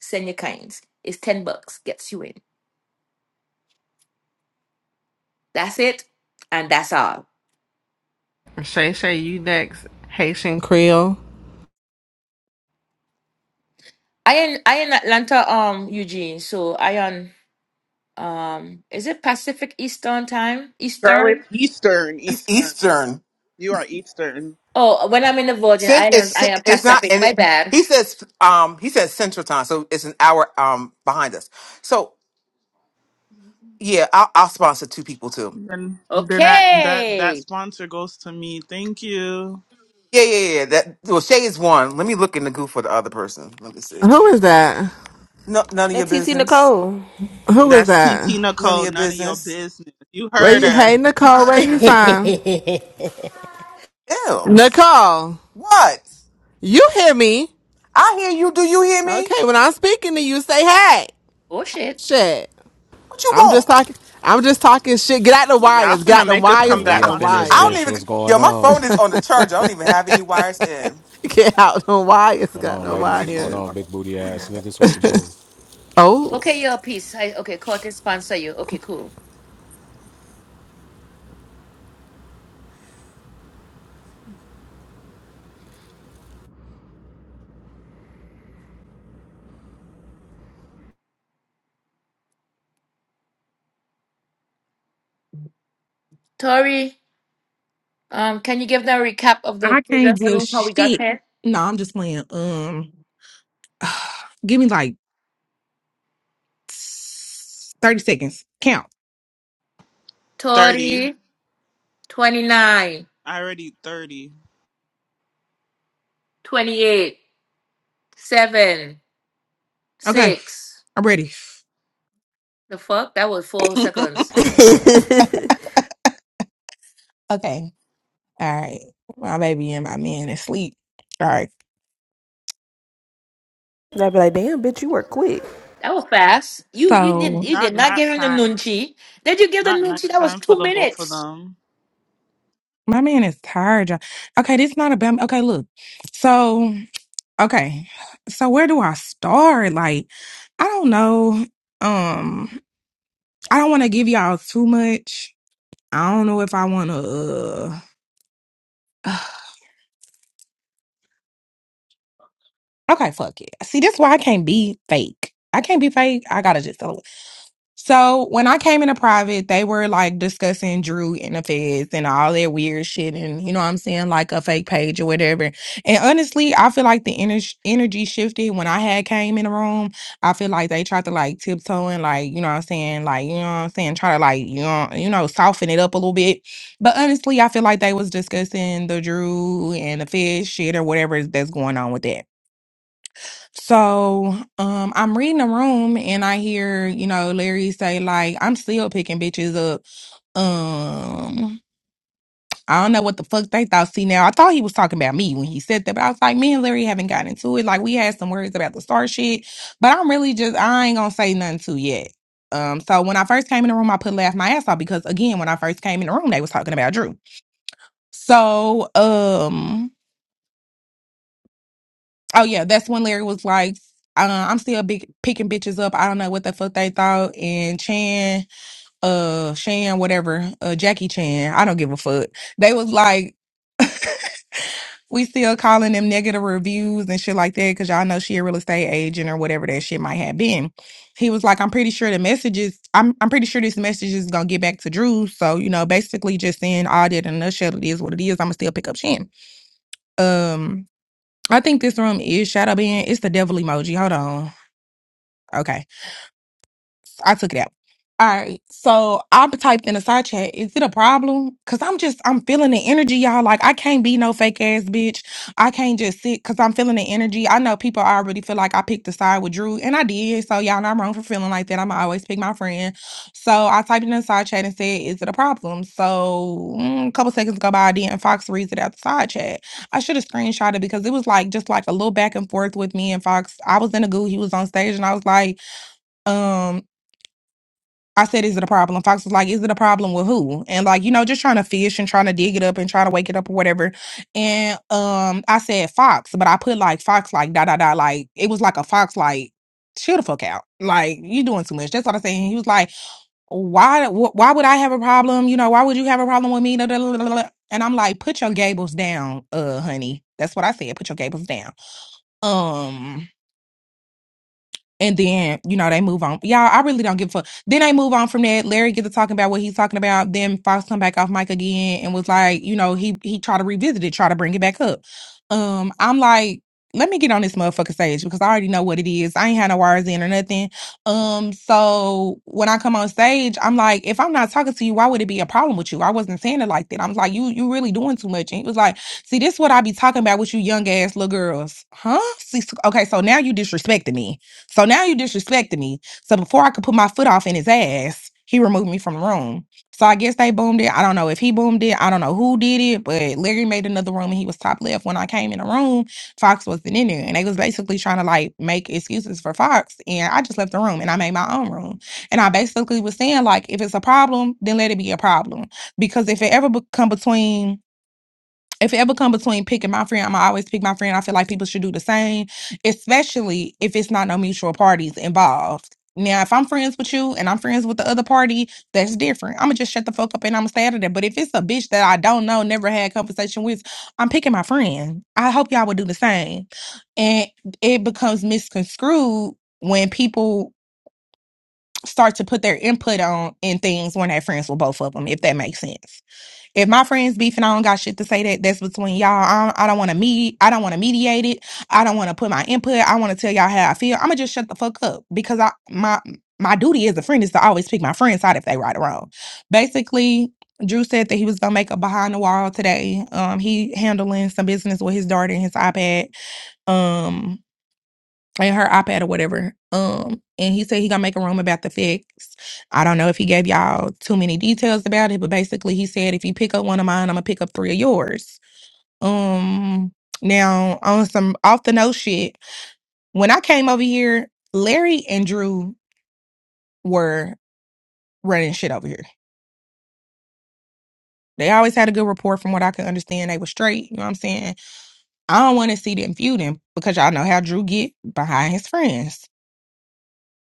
S1: send your kinds. It's ten bucks, gets you in. That's it, and that's all.
S6: Shay Shay, you next. Haitian Creole.
S1: I in I in Atlanta, um, Eugene. So I on. Um, is it Pacific Eastern time?
S7: Girl,
S1: Eastern?
S7: it's Eastern.
S11: it's
S7: Eastern.
S11: Eastern.
S7: You are Eastern.
S1: Oh, when I'm in the Virgin
S11: Since
S1: Islands,
S11: it's
S1: I am
S11: it's not,
S1: Pacific.
S11: and
S1: My
S11: it,
S1: bad.
S11: he says um he says Central Time, so it's an hour um behind us. So yeah, I'll, I'll sponsor two people too.
S7: Then, then that that that
S1: Okay.
S7: sponsor goes to me. Thank you.
S11: Yeah, yeah, yeah. That well, Shay is one. Let me look in the goo for the other person. Let me see.
S6: Who is that?
S11: No, none of your
S2: That TT
S11: business.
S2: Nicole.
S6: Who is
S7: That's
S6: that?
S7: TT
S11: None of
S7: Nicole.
S11: your
S7: None of your
S11: business.
S7: business. You
S6: Where
S7: heard
S6: you, hey,
S7: her.
S6: Nicole,
S2: *laughs* *laughs*
S6: where you from?
S11: Ew.
S6: Nicole,
S11: What?
S6: you hear me?
S11: I hear you. Do you hear me?
S6: Okay, when I'm speaking to you, say hey.
S1: Oh shit.
S6: Shit.
S11: What you
S6: I'm just
S11: want?
S6: talking. I'm just talking shit. Get out the
S7: Y'all
S6: wires. Get
S7: finna
S6: out the
S7: make us
S12: All
S6: wires.
S12: right,
S7: come
S6: Get
S12: we
S6: out
S7: back
S6: the
S12: up in
S7: onto the
S12: this
S11: I don't
S12: bitch.
S6: wires.
S11: even.
S12: What's
S7: stage.
S11: Yo,
S12: going
S11: my
S12: on?
S11: phone is on the charger. I don't even have any
S6: *laughs*
S11: wires in.
S6: *laughs* Get out the
S12: What's
S6: wires,
S12: going
S6: got
S12: on,
S6: no
S12: ladies? What's going
S6: wires.
S12: on, big booty ass niggas? What's the move?
S6: Oh,
S1: Okay, your piece. I, okay, Curtis sponsor you. Okay, cool. Tori, um, can you give them a recap of the
S13: I can't
S1: previous
S13: give
S1: rooms how we got
S13: shit.
S1: here?
S13: No, I'm just playing. Um, *sighs* give me like thirty seconds. Count.
S1: Tori,
S7: Thirty.
S1: twenty nine,
S7: I already thirty.
S1: twenty eight, seven, six.
S13: Okay, I'm ready.
S1: The fuck? That was
S7: *laughs*
S1: four
S7: not
S1: seconds.
S2: I'd
S13: Okay. All right. My baby and my man is asleep. All right.
S2: be like, damn, bitch, you work quick.
S1: That was fast. You you did
S13: So
S1: you did not
S7: nap
S1: give him the
S7: time.
S1: nunchi. Did you give the
S7: Not night
S1: nunchi? That was
S7: time for
S1: two
S7: the both of
S1: minutes.
S7: them.
S13: my man is tired. y'all. Okay, this is not about me. Okay, look. So okay. So where do I start? Like, I don't know. Um, I don't want to give y'all too much. I don't know if I want to. *sighs* Okay, fuck it. See, that's why I can't be fake. I can't be fake. I gotta just tell it. So when I came into private, they were like discussing Drew and the feds and all that weird shit, and you know what I'm saying, like a fake page or whatever. And honestly, I feel like the ener- energy shifted when I had came in the room. I feel like they tried to like tiptoe and like you know what I'm saying, like you know what I'm saying, try to like you know you know soften it up a little bit. But honestly, I feel like they was discussing the Drew and the feds shit or whatever that's going on with that. So um I'm reading the room and I hear, you know, Larry say like I'm still picking bitches up. Um I don't know what the fuck they thought. See now I thought he was talking about me when he said that, but I was like, me and Larry haven't gotten into it. Like we had some words about the star shit, but I'm really just I ain't gonna say nothing to yet. Um so when I first came in the room I put laugh my ass off because again when I first came in the room they was talking about Drew. So um Oh yeah, that's when Larry was like, uh, "I'm still big picking bitches up. I don't know what the fuck they thought." And Chan, uh, Shan, whatever, uh, Jackie Chan, I don't give a fuck. They was like, "We still calling them negative reviews and shit like that because y'all know she a real estate agent or whatever that shit might have been." He was like, "I'm pretty sure the messages. I'm I'm pretty sure this message is gonna get back to Drew. So you know, basically just saying all that in a nutshell, it is what it is. I'ma still pick up Shan." Um. I think this room is shadow being. It's the devil emoji. Hold on. Okay. I took it out. All right. So I typed in a side chat, is it a problem? Cause I'm just, I'm feeling the energy, y'all. Like I can't be no fake ass bitch. I can't just sit cause I'm feeling the energy. I know people already feel like I picked a side with Drew and I did. So y'all know I'm wrong for feeling like that. I'm always pick my friend. So I typed in a side chat and said, is it a problem? So mm, a couple seconds go by, then Fox reads it out the side chat. I should have screenshot it because it was like, just like a little back and forth with me and Fox. I was in a goo. He was on stage and I was like, um. I said, is it a problem? Fox was like, is it a problem with who? And like, you know, just trying to fish and trying to dig it up and trying to wake it up or whatever. And um, I said Fox, but I put like Fox, like da da da, like it was like a Fox, like chill the fuck out, like you doing too much. That's what I'm saying. He was like, why, wh- why would I have a problem? You know, why would you have a problem with me? Da, da, da, da, da, And I'm like, put your gables down, uh, honey. That's what I said. Put your gables down. Um. And then, you know, they move on. Y'all, I really don't give a fuck. Then they move on from that. Larry gets to talking about what he's talking about. Then Fox come back off mic again and was like, you know, he he tried to revisit it, try to bring it back up. Um, I'm like, let me get on this motherfucker stage because I already know what it is. I ain't had no wires in or nothing. Um, so when I come on stage, I'm like, if I'm not talking to you, why would it be a problem with you? I wasn't saying it like that. I was like, you you really doing too much. And he was like, see, this is what I be talking about with you young ass little girls, huh? See, so- okay, so now you disrespecting me so now you disrespecting me. So before I could put my foot off in his ass, he removed me from the room. So I guess they boomed it. I don't know if he boomed it. I don't know who did it, but Larry made another room and he was top left. When I came in the room, Fox wasn't in there. And they was basically trying to like make excuses for Fox. And I just left the room and I made my own room. And I basically was saying, like, if it's a problem, then let it be a problem. Because if it ever become between if it ever come between picking my friend, I'm gonna always pick my friend. I feel like people should do the same, especially if it's not no mutual parties involved. Now, if I'm friends with you and I'm friends with the other party, that's different. I'm gonna just shut the fuck up and I'm gonna stay out of there. But if it's a bitch that I don't know, never had conversation with, I'm picking my friend. I hope y'all would do the same. And it becomes misconstrued when people start to put their input on in things when they're friends with both of them, if that makes sense. If my friends beefing, I don't got shit to say that. That's between y'all. I don't, I don't want to meet. I don't want to mediate it. I don't want to put my input. I want to tell y'all how I feel. I'ma just shut the fuck up because I my my duty as a friend is to always pick my friend's side if they right or wrong. Basically, Drew said that he was gonna make a behind the wall today. Um, he handling some business with his daughter and his iPad. Um, in her iPad or whatever. Um, and he said he gonna make a room about the fix. I don't know if he gave y'all too many details about it, but basically he said if you pick up one of mine, I'm gonna pick up three of yours. Um, now on some off the note shit, when I came over here, Larry and Drew were running shit over here. They always had a good rapport from what I could understand. They were straight, you know what I'm saying? I don't want to see them feuding because y'all know how Drew get behind his friends.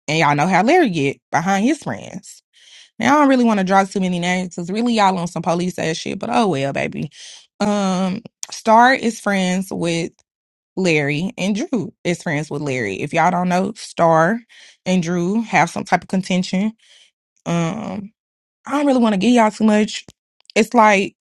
S13: And y'all know how Larry get behind his friends. Now I don't really want to draw too many names because really y'all on some police ass shit, but oh well, baby. Um, Star is friends with Larry and Drew is friends with Larry. If y'all don't know, Star and Drew have some type of contention. Um, I don't really want to give y'all too much. It's like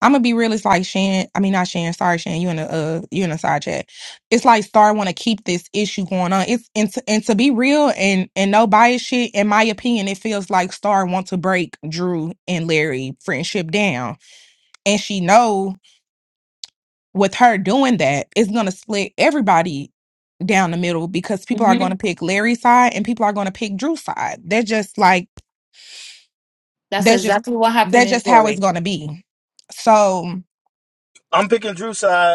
S13: I'm gonna be real. It's like Shan. I mean, not Shan. Sorry, Shan. You in a uh, you in a side chat. It's like Star want to keep this issue going on. It's and to, and to be real and and no bias shit. In my opinion, it feels like Star want to break Drew and Larry friendship down, and she know with her doing that, it's gonna split everybody down the middle because people are
S1: hmm
S13: gonna pick Larry's side and people are gonna pick Drew's side. They're just like
S1: That's
S13: that's just
S1: exactly what happened
S13: that's
S1: in
S13: just how it's
S1: Tori.
S13: gonna be. So.
S4: I'm picking Drew's side.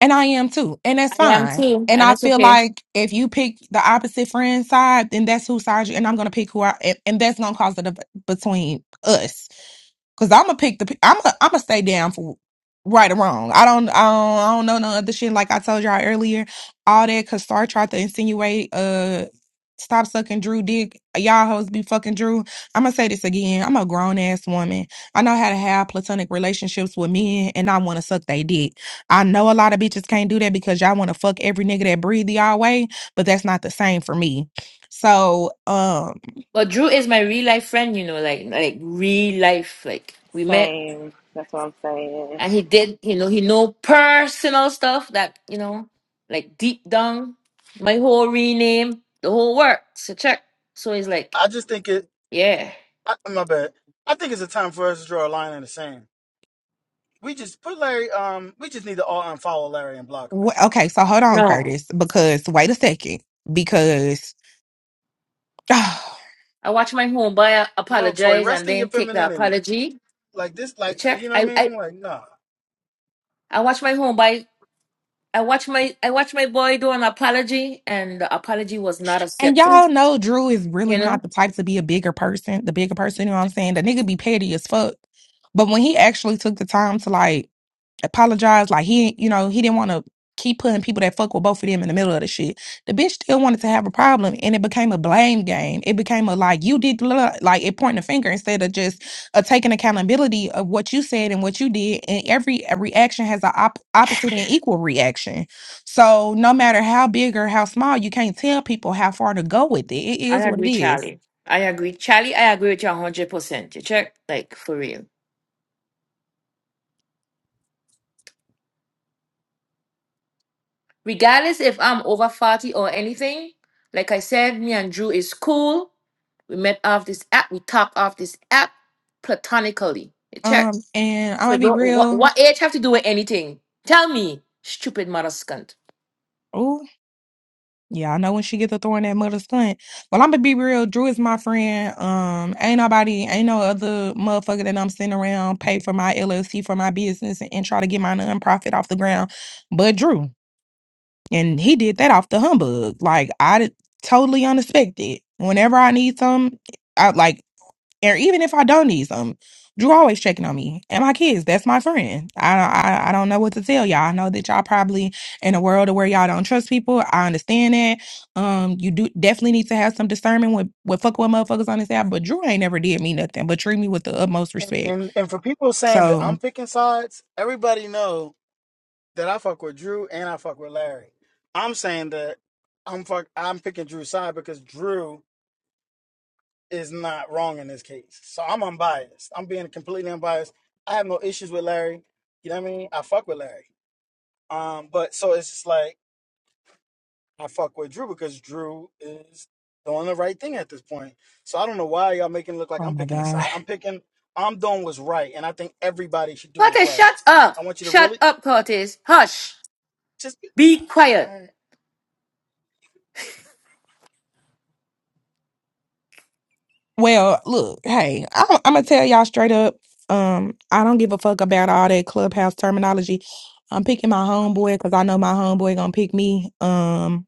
S13: And I am too. And that's
S1: I am
S13: fine.
S1: too,
S13: And
S1: and
S13: I
S1: it's
S13: feel
S1: okay.
S13: like if you pick the opposite friend side, then that's who side you and I'm gonna pick who I and, and that's gonna cause a div- between us. Cause I'm gonna pick the. I'm gonna I'm gonna stay down for right or wrong. I don't. I don't. I don't know none of the shit. Like I told y'all earlier, all that. Cause Star tried to insinuate. Uh, stop sucking Drew dick. Y'all hoes be fucking Drew. I'm gonna say this again. I'm a grown ass woman. I know how to have platonic relationships with men, and I want to suck they dick. I know a lot of bitches can't do that because y'all want to fuck every nigga that breathe y'all way, but that's not the same for me. So, um.
S1: But Drew is my real life friend, you know, like like real life. Like we met
S14: Same. That's what I'm saying.
S1: and he did, you know, he know personal stuff that, you know, like deep down, my whole rename, the whole work. So check. So he's like,
S4: I just think it.
S1: yeah.
S4: I, my bad. I think it's a time for us to draw a line in the sand. We just put Larry. Um, we just need to all unfollow Larry and block him at
S13: Wh-
S4: this
S13: Okay,
S4: point.
S13: so hold on,
S1: No.
S13: Curtis, because wait a second, because *sighs*
S1: I watch my homeboy
S4: No, Tori,
S1: apologize
S4: rest
S1: and
S4: in your
S1: then take the
S4: femininity.
S1: apology.
S4: Like this,
S1: You
S4: like
S1: check.
S4: you know what I
S1: I, I
S4: mean? Like nah.
S1: I watched my homeboy. I watched my I watched my boy do an apology, and the apology was not
S13: and
S1: accepted.
S13: y'all know Drew is
S1: You
S13: really
S1: know,
S13: not the type to be a bigger person, the bigger person, you know what I'm saying? The nigga be petty as fuck. But when he actually took the time to like apologized. Like he, you know, he didn't want to keep putting people that fuck with both of them in the middle of the shit. The bitch still wanted to have a problem, and it became a blame game. It became a like you did, blah, like it pointing a finger instead of just uh, taking accountability of what you said and what you did. And every uh, reaction has an op- opposite and equal reaction. So no matter how big or how small, you can't tell people how far to go with it. It
S1: I
S13: is what
S1: agree,
S13: it is.
S1: Charlie. I agree, Charlie. I agree with you hundred percent. You check, like for real. Regardless if I'm over forty or anything, like I said, me and Drew is cool. We met off this app. We talk off this app platonically. You check.
S13: Um, and I'm
S1: So
S13: gonna be
S1: don't, what
S13: real.
S1: what age have to do with anything? Tell me, stupid mother scunt.
S13: Yeah, I know when she gets to throwing that mother stunt. Well, I'm gonna be real. Drew is my friend. Um, ain't nobody, ain't no other motherfucker that I'm sitting around pay for my LLC for my business and, and try to get my nonprofit off the ground, but Drew, and he did that off the humbug. Like I did, totally unexpected. Whenever I need something, I like or even if I don't need some, Drew always checking on me and my kids. That's my friend. I I, I don't know what to tell y'all. I know that y'all probably in a world of where y'all don't trust people. I understand that. Um, you do definitely need to have some discernment with with fuck with motherfuckers on this app. But Drew ain't never did me nothing but treat me with the utmost
S4: And
S13: respect.
S4: and, and for people saying that I'm
S13: So,
S4: picking sides, everybody know that I fuck with Drew and I fuck with Larry. I'm saying that I'm fuck. I'm picking Drew's side because Drew is not wrong in this case. So I'm unbiased. I'm being completely unbiased. I have no issues with Larry. You know what I mean? I fuck with Larry. Um, but so it's just like I fuck with Drew because Drew is doing the right thing at this point. So I don't know why y'all making it look like
S13: oh
S4: I'm
S13: my
S4: picking a
S13: god.
S4: side. I'm picking. I'm doing what's right, and I think everybody should do what's
S1: Curtis,
S4: right.
S1: shut up.
S4: I want you to
S1: Shut
S4: really
S1: up, Curtis. Hush.
S4: just. be.
S1: Be
S4: All
S1: quiet.
S4: right.
S13: Well, look, hey, I'm, I'm gonna tell y'all straight up. Um, I don't give a fuck about all that clubhouse terminology. I'm picking my homeboy because I know my homeboy gonna pick me. Um,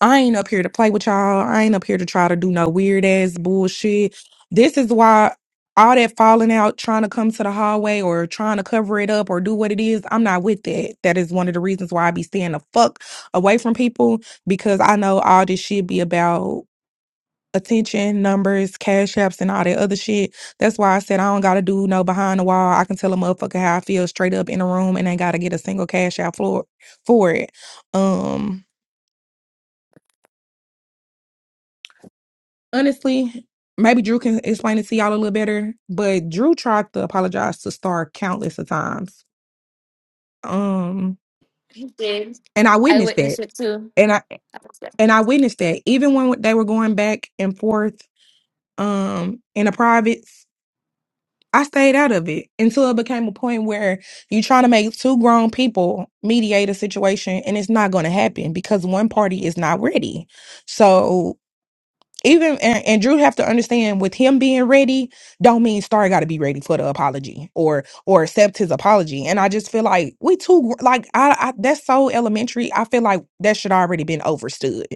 S13: I ain't up here to play with y'all. I ain't up here to try to do no weird ass bullshit. This is why all that falling out, trying to come to the hallway or trying to cover it up or do what it is, I'm not with that. That is one of the reasons why I be staying the fuck away from people because I know all this shit be about attention, numbers, cash apps, and all that other shit. That's why I said I don't gotta do no behind the wall. I can tell a motherfucker how I feel straight up in the room and ain't gotta get a single cash out for for it. Um honestly, maybe Drew can explain it to y'all a little better, but Drew tried to apologize to Star countless of times. Um,
S1: He did.
S13: and I
S1: I
S13: witnessed that.
S1: witnessed it too.
S13: And I
S1: I was there.
S13: and I witnessed that even when they were going back and forth um in the privates, I stayed out of it until it became a point where you're trying to make two grown people mediate a situation and it's not going to happen because one party is not ready. So. even and, and Drew have to understand with him being ready don't mean Star got to be ready for the apology or or accept his apology. And I just feel like we too gr- like I, I that's so elementary. I feel like that should already been overstood.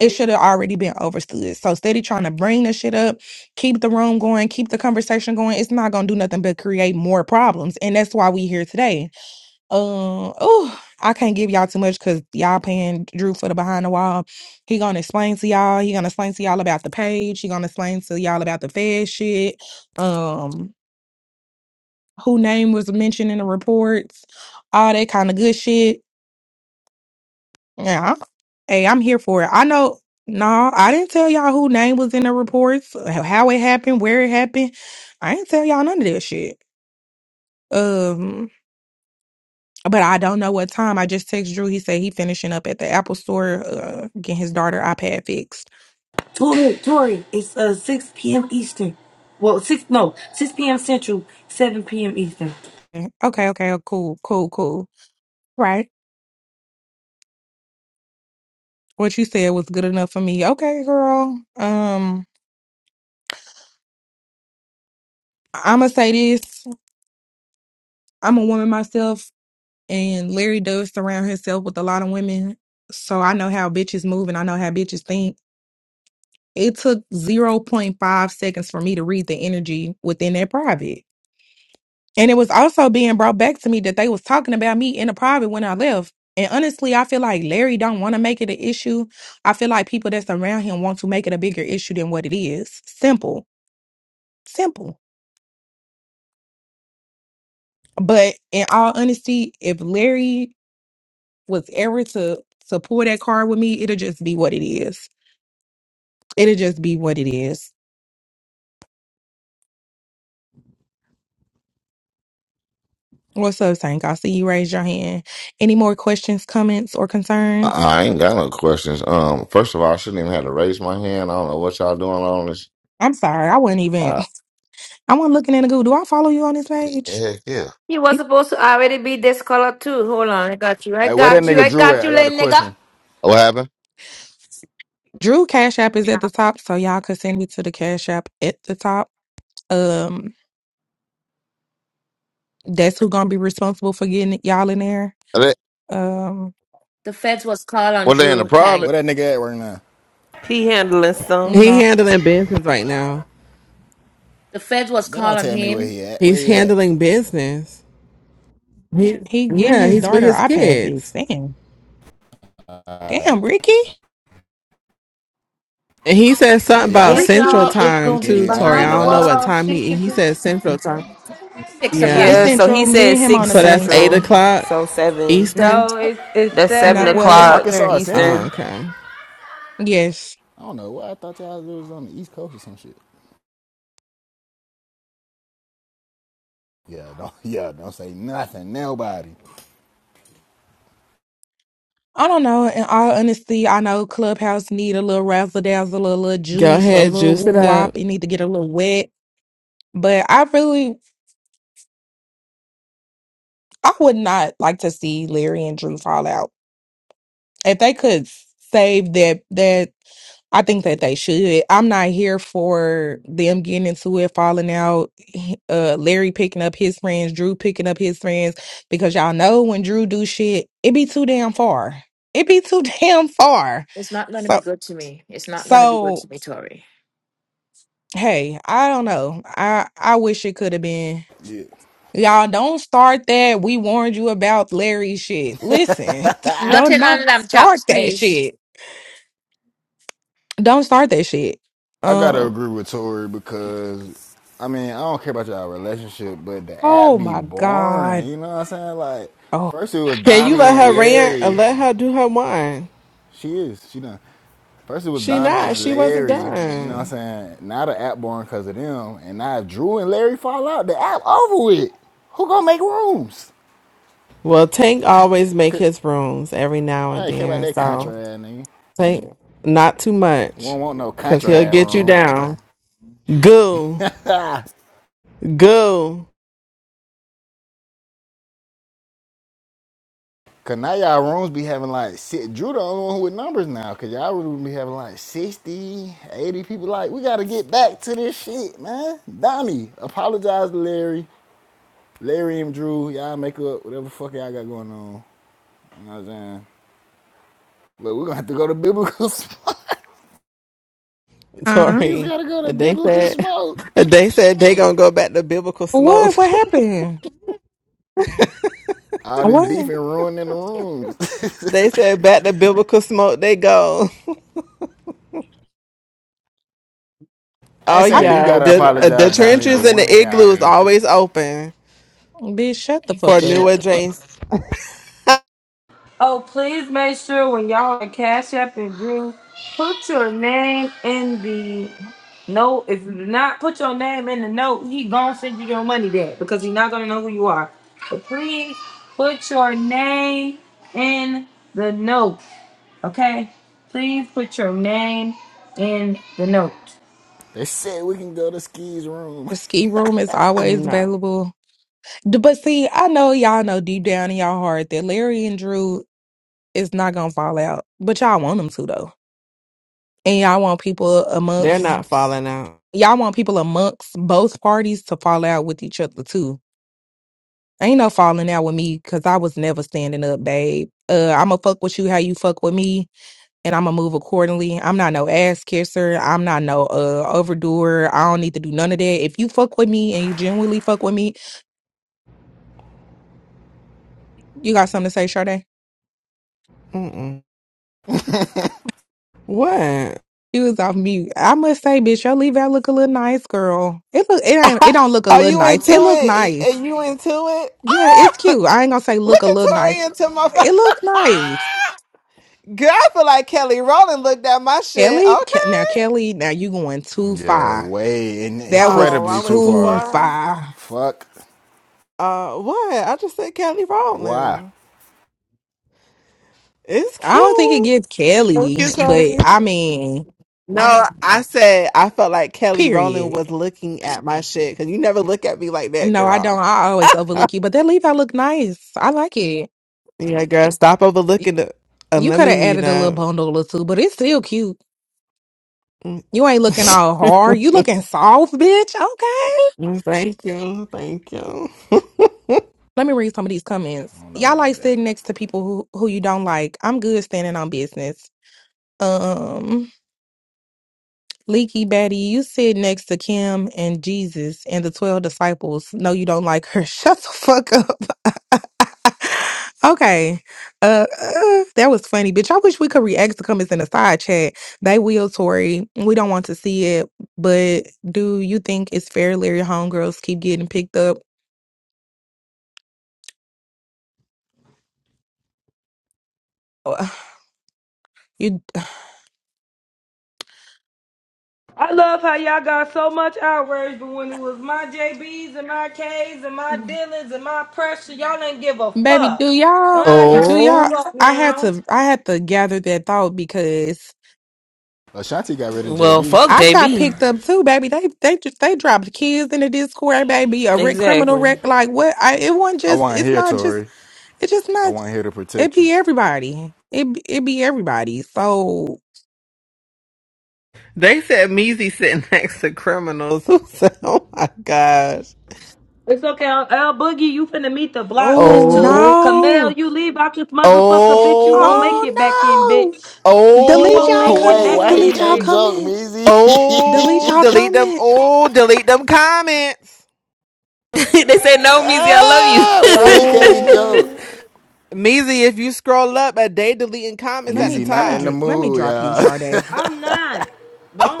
S13: It should have already been overstood. So steady trying to bring the shit up, keep the room going, keep the conversation going. It's not gonna do nothing but create more problems. And that's why we here today um, oh, I can't give y'all too much because y'all paying Drew for the behind the wall. He gonna explain to y'all. He gonna explain to y'all about the page. He gonna explain to y'all about the Fed shit. Um, who name was mentioned in the reports, all that kind of good shit. Yeah, I- hey, I'm here for it. I know. No, I didn't tell y'all who name was in the reports, how it happened, where it happened. I ain't tell y'all none of that shit. Um. but I don't know what time. I just text Drew. He said he finishing up at the Apple store, uh, getting his daughter iPad fixed.
S15: Tori, Tori, it's uh 6 p.m. Eastern. Well, six no, 6 p.m. Central, 7 p.m. Eastern.
S13: Mm, Okay, okay, oh, cool, cool, cool. Right. What you said was good enough for me. Okay, girl. Um, I'ma say this. I'm a woman myself, and Larry does surround himself with a lot of women, so I know how bitches move and I know how bitches think. It took zero point 0.5 seconds for me to read the energy within that private. And it was also being brought back to me that they was talking about me in the private when I left. And honestly, I feel like Larry don't want to make it an issue. I feel like people that's around him want to make it a bigger issue than what it is. Simple. Simple. But in all honesty, if Larry was ever to to pull that card with me, it'll just be what it is. It'll just be what it is. What's up, Tank? I see you raise your hand. Any more questions, comments, or
S16: I
S13: concerns?
S16: I ain't got no questions. Um, first of all, I shouldn't even have to raise my hand. I don't know what y'all doing on this.
S13: I'm sorry. I wasn't even
S16: Uh,
S13: *laughs* I wasn't looking in the Google. Do I follow you on this page?
S16: heck yeah.
S1: He was supposed to already be this color too. Hold on, I got you. I
S17: Hey, where that
S1: got you.
S17: nigga
S1: I
S17: Drew
S1: got
S17: at? I
S1: you,
S17: got a
S1: little nigga.
S17: question.
S16: What happened?
S13: Drew Cash App is at the top, so y'all could send me to the Cash App at the top. Um, that's who gonna be responsible for getting y'all in there.
S16: Are they,
S13: Um,
S1: The feds was called on
S16: were they in the
S1: Drew
S16: private?
S17: Where that
S1: Tank.
S17: nigga at right now?
S2: He handling some.
S6: he
S13: not
S6: handling business right now.
S1: The feds was
S17: They
S1: called
S17: don't
S1: on
S17: tell me where
S1: him.
S17: he at. Where
S6: He's
S17: he at?
S6: handling business. He,
S13: he getting
S6: yeah,
S13: his
S6: he's with
S13: daughter
S6: his
S13: iPad fixed.
S6: kids.
S13: Damn,
S17: Uh,
S13: damn, Ricky.
S6: And he said something about
S17: yeah, I
S15: Yes,
S6: Central
S15: y'all. It's
S6: Time
S15: gonna
S17: need
S15: be
S6: too,
S17: it. I
S6: Tori.
S17: need
S15: behind
S6: I
S17: it.
S15: the
S6: don't know what
S17: Austin.
S15: world
S6: time he.
S15: tickets.
S6: He
S15: is-
S6: said Central Time.
S1: Six o'clock.
S13: It's
S6: Yeah.
S2: Yeah, so he
S13: Central. Me
S2: said
S13: and him on
S2: six
S13: the
S6: So that's
S13: same
S6: eight
S13: time.
S2: central,
S6: o'clock
S2: so seven.
S6: Eastern.
S15: No, it's it's
S2: That's seven
S13: No,
S15: seven
S13: well,
S17: Wait,
S13: it's
S2: o'clock
S17: Arkansas
S15: Eastern.
S17: is
S6: Oh,
S17: Central?
S2: Eastern.
S6: okay.
S13: yes.
S17: I don't know. What I thought y'all was on the East Coast or some shit. Yeah, don't. *laughs* Yeah, don't say nothing. Nobody.
S13: I don't know. In all honesty, I know Clubhouse need a little razzle dazzle, a little
S6: Go
S13: juice, a
S6: ahead,
S13: little
S6: juice it
S13: woo
S6: up.
S13: wop. It need to get a little wet. But I really, I would not like to see Larry and Drew fall out. if they could save that that I think that they should. I'm not here for them getting into it, falling out. Uh, Larry picking up his friends, Drew picking up his friends, because y'all know when Drew do shit, it be too damn far. It be too *laughs* damn far.
S1: It's not going to
S13: So
S1: be good to me. It's not going to be good
S13: so
S1: to me, Tori.
S13: hey, I don't know. I I wish it could have been.
S17: Yeah.
S13: Y'all don't start that. We warned you about Larry shit. Listen, *laughs*
S17: *laughs*
S13: don't
S1: Nothing
S13: not
S1: on lamb
S13: start
S1: chops,
S13: that shit.
S1: please.
S13: Don't start that shit.
S17: I gotta
S13: Um.
S17: agree with Tori because I mean I don't care about y'all relationship, but the app
S13: Oh
S17: be
S13: my
S17: boring.
S13: god.
S17: You know what I'm saying? Like
S13: Oh.
S17: first it was
S6: Can you
S17: Dami
S6: let
S17: and
S6: her rant or
S17: Larry.
S6: let her do her wine?
S17: She is. She done. First it was
S6: She
S17: Dami
S6: not.
S17: and
S6: She wasn't
S17: Larry. You know what I'm
S6: done.
S17: saying? Now the app born because of them, and now if Drew and Larry fall out. The app over with. Who gonna make rooms?
S6: Well, Tank always make
S17: Cause,
S6: his rooms every now
S17: I
S6: and
S17: ain't care about
S6: then.
S17: that country
S6: So
S17: ass nigga.
S6: Tank, not too
S17: We
S6: much,
S17: don't want no
S6: cause
S17: country
S6: he'll
S17: ass
S6: get you
S17: room.
S6: down. Go,
S17: *laughs*
S6: go,
S17: Cause now y'all rooms be having like six. Drew the only one who with numbers now. Cause y'all rooms be having like 60, 80 people. Like we gotta get back to this shit, man. Donnie, apologize to Larry, Larry and Drew. Y'all make up whatever fuck y'all got going on. You know what I'm saying? But we're gonna have to go to biblical smoke.
S6: *laughs*
S17: *laughs*
S13: Huh?
S17: He's
S6: Tori.
S17: gotta go to
S6: They
S17: biblical
S6: said,
S17: smoke.
S6: *laughs* they said they gonna go back to biblical smoke.
S13: What? What happened?
S17: All this beef
S13: What?
S17: and ruining the rooms. *laughs*
S6: *laughs* they said back to biblical smoke. They go. *laughs*
S17: I
S6: Oh
S17: ain't
S13: I
S17: saying
S13: did.
S17: you
S6: yeah,
S17: gotta
S6: the the
S17: apologize, Dami, but
S6: trenches and
S17: one
S6: the
S17: of y'all
S6: igloo is
S17: need to.
S6: always open
S13: Bitch, shut the
S6: for
S13: fuck
S6: new
S13: up.
S6: adjacent.
S15: Oh, please make sure when y'all are Cash App and Drew, put your name in the note. If you do not put your name in the note, he gonna send you your money back because he's not gonna know who you are. But please put your name in the note. Okay? Please put your name in the note.
S17: They said we can go to Ski's room.
S13: The ski room is always
S6: No,
S13: available. D- But see, I know y'all know deep down in y'all heart that Larry and Drew is not gonna fall out. But y'all want them to though, and y'all want people
S6: they're
S13: amongst
S6: not falling out.
S13: y'all want people amongst both parties to fall out with each other too. Ain't no falling out with me because I was never standing up, babe. Uh, I'ma fuck with you how you fuck with me and I'm gonna move accordingly. I'm not no ass kisser. I'm not no uh overdoer. I don't need to do none of that. If you fuck with me and you genuinely fuck with me, you got something to say, Sade.
S6: Mm-mm.
S17: *laughs*
S6: What?
S13: You was off mute. I must say, bitch, your leave out look a little nice, girl. It look it
S6: *laughs*
S13: ain't it
S6: Ha-
S13: don't look a
S6: Are
S13: little
S6: you
S13: nice.
S6: into
S13: It look
S6: it? Are are
S13: nice.
S6: you into it?
S13: Yeah, it's
S6: *laughs*
S13: cute. I ain't gonna say look a
S6: Look at
S13: little
S6: Tori
S13: nice.
S6: into my phone. *laughs*
S13: It look nice.
S6: Girl, I feel like Kelly Rowland looked at my shit.
S13: Kelly, Ke- now
S6: Okay.
S13: Kelly, now you going too
S17: yeah,
S13: far.
S17: way in-
S13: That was
S6: Oh, I
S17: incredibly too
S6: went too
S13: too
S17: far.
S6: far.
S13: far.
S17: Fuck.
S6: Uh, what? I just said Kelly
S17: Why?
S6: Rowland. It's
S13: I don't think it
S6: cute.
S13: gets
S6: Thank you,
S13: Kelly,
S6: Tori.
S13: but I mean,
S6: No, I said I felt like Kelly Rowland
S13: period.
S6: was looking at my shit because you never look at me like that,
S13: No, I don't.
S6: girl.
S13: I always overlook you, but that leaf I look nice. I like it.
S6: Yeah, girl, stop
S13: Y-
S6: overlooking it. And
S13: You
S6: let
S13: could
S6: me
S13: have
S6: mute
S13: added a little
S6: up.
S13: bundle or two, but it's still cute. You ain't
S6: *laughs*
S13: looking all hard. You looking soft, bitch. Okay.
S6: Thank you. Thank you.
S13: Let me read some of these
S17: I
S13: comments.
S17: don't know
S13: Y'all
S17: about
S13: like
S17: that.
S13: sitting next to people who, who you don't like. I'm good standing on business. Um, Leaky Betty, you sit next to Kim and Jesus and the 12 disciples. No, you don't like her. *laughs* Shut the fuck up. Okay. Uh, uh, that was funny, bitch. I wish we could react to comments in the side chat. They will, Tori. We don't want to see it, but do you think it's fair Larry homegirls keep getting picked up? Uh, You
S15: I love how y'all got so much outrage, but when it was my JBs and my Ks and my Dillons and my pressure, y'all didn't give a
S13: baby, do
S15: fuck. Y'all
S13: y'all
S15: ain't gotta
S13: do
S15: give a
S13: y'all
S6: Oh,
S15: fuck
S13: I had
S15: now.
S13: to I had to gather that thought because
S17: Ashanti got rid of
S2: Well,
S17: JB.
S2: fuck
S13: I got
S2: JB.
S13: picked up too, baby. They they just they dropped kids in the Discord, baby, a rec- criminal wreck,
S2: Exactly.
S13: like what I it wasn't
S17: I
S13: just
S17: want
S13: it's
S17: here,
S13: not just
S17: Tori.
S13: It's just
S17: I
S13: not.
S17: want here to
S13: It
S17: protect you.
S13: be everybody. It be- it be everybody. So
S6: *laughs* they said Measy sitting *laughs* next to criminals. *laughs* oh my gosh.
S15: It's okay, L Boogie, you finna meet the block list
S13: oh
S15: too.
S6: Oh,
S15: Kamel,
S13: no,
S15: you leave out this motherfucker, bitch. You won't make
S6: oh,
S15: it back in,
S13: oh no!
S15: bitch. You
S13: Delete
S15: won't
S13: y'all
S17: *laughs*
S15: make it
S17: Wait,
S13: comments.
S15: back
S17: why he
S6: oh,
S13: Delete
S15: in,
S13: y'all
S17: can't
S15: bitch.
S17: joke,
S13: comments. Delete
S17: Meezy?
S6: oh,
S13: y'all
S6: delete them.
S13: comments.
S6: Oh, delete them comments.
S2: *laughs* they said
S17: *laughs*
S2: no, Meezy, I love you.
S17: ah, why he can't joke?
S6: Oh, Measy, if you scroll up, a day deleting comments
S13: Let
S6: at the
S17: Meezy
S13: me let
S17: not
S13: me
S17: in
S6: top.
S17: the
S13: dr- let me
S17: mood,
S13: drop you,
S17: y'all.
S13: Sade.
S15: I'm not.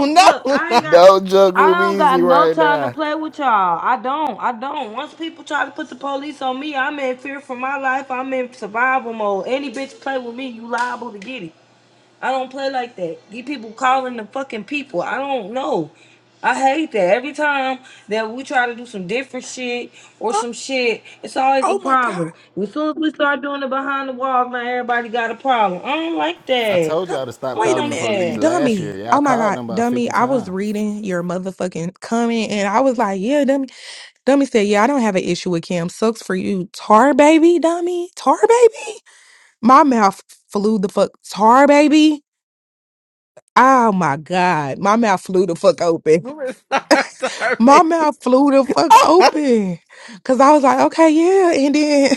S6: Oh,
S15: look.
S6: no, *laughs*
S15: I
S6: no.
S15: ain't
S17: *laughs*
S15: got.
S17: Don't joke
S15: I
S17: with
S15: don't got
S17: Meezy
S15: no
S17: right
S15: time to
S17: now.
S15: play with y'all. I don't. I don't. Once people try to put the police on me, I'm in fear for my life. I'm in survival mode. Any bitch play with me, you liable to get it. I don't play like that. These people calling the fucking people. I don't know. I hate that. Every time that we try to do some different shit or
S13: Oh,
S15: some shit, it's always a
S13: oh my god.
S15: problem. As soon as we start doing it behind the walls, man, everybody got a problem. I don't like
S17: I
S15: that.
S17: told
S13: Dr-
S17: y'all to
S15: I
S17: stop
S15: don't
S13: Wait a
S17: calling the
S15: like
S13: minute,
S17: police
S15: that.
S17: last
S13: dummy.
S17: year. Y'all
S13: Oh my
S17: called
S13: god,
S17: them about
S13: dummy.
S17: 50
S13: I was
S17: times.
S13: reading your motherfucking comment and I was like, yeah, dummy. Dummy said, yeah, I don't have an issue with Kim. Sucks for you, tar baby, dummy, tar baby. My mouth flew the fuck tar, baby. Oh my god, my mouth flew the fuck open.
S6: We're sorry,
S13: My
S6: baby.
S13: mouth flew the fuck
S6: *laughs*
S13: open, cause I was like, okay, yeah, and then,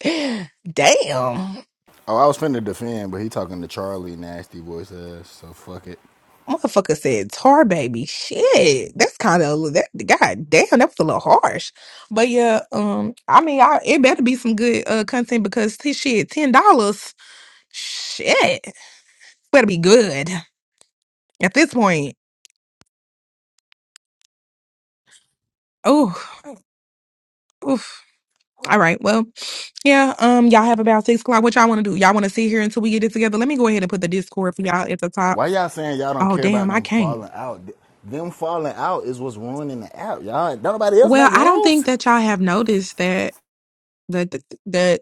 S13: *laughs* damn,
S17: Oh, I was finna defend, but he talking to Charlie nasty voice ass, so fuck it.
S13: motherfucker said tar, baby. Shit, that's kind of that. God damn, that was a little harsh. But yeah, um, I mean, I, it better be some good uh content because this shit, ten dollars, shit, better be good at this point. Oh, All right. Well, yeah. Um, y'all have about six o'clock. What y'all want to do? Y'all want to sit here until we get it together? Let me go ahead and put the Discord for y'all at the top.
S17: Why y'all saying y'all don't
S13: Oh,
S17: care about
S13: damn, I
S17: them
S13: can't.
S17: falling out? Th- Them falling out is what's ruining the app, y'all. Don't nobody else
S13: Well,
S17: make
S13: I don't
S17: rooms?
S13: think that y'all have noticed that that that, that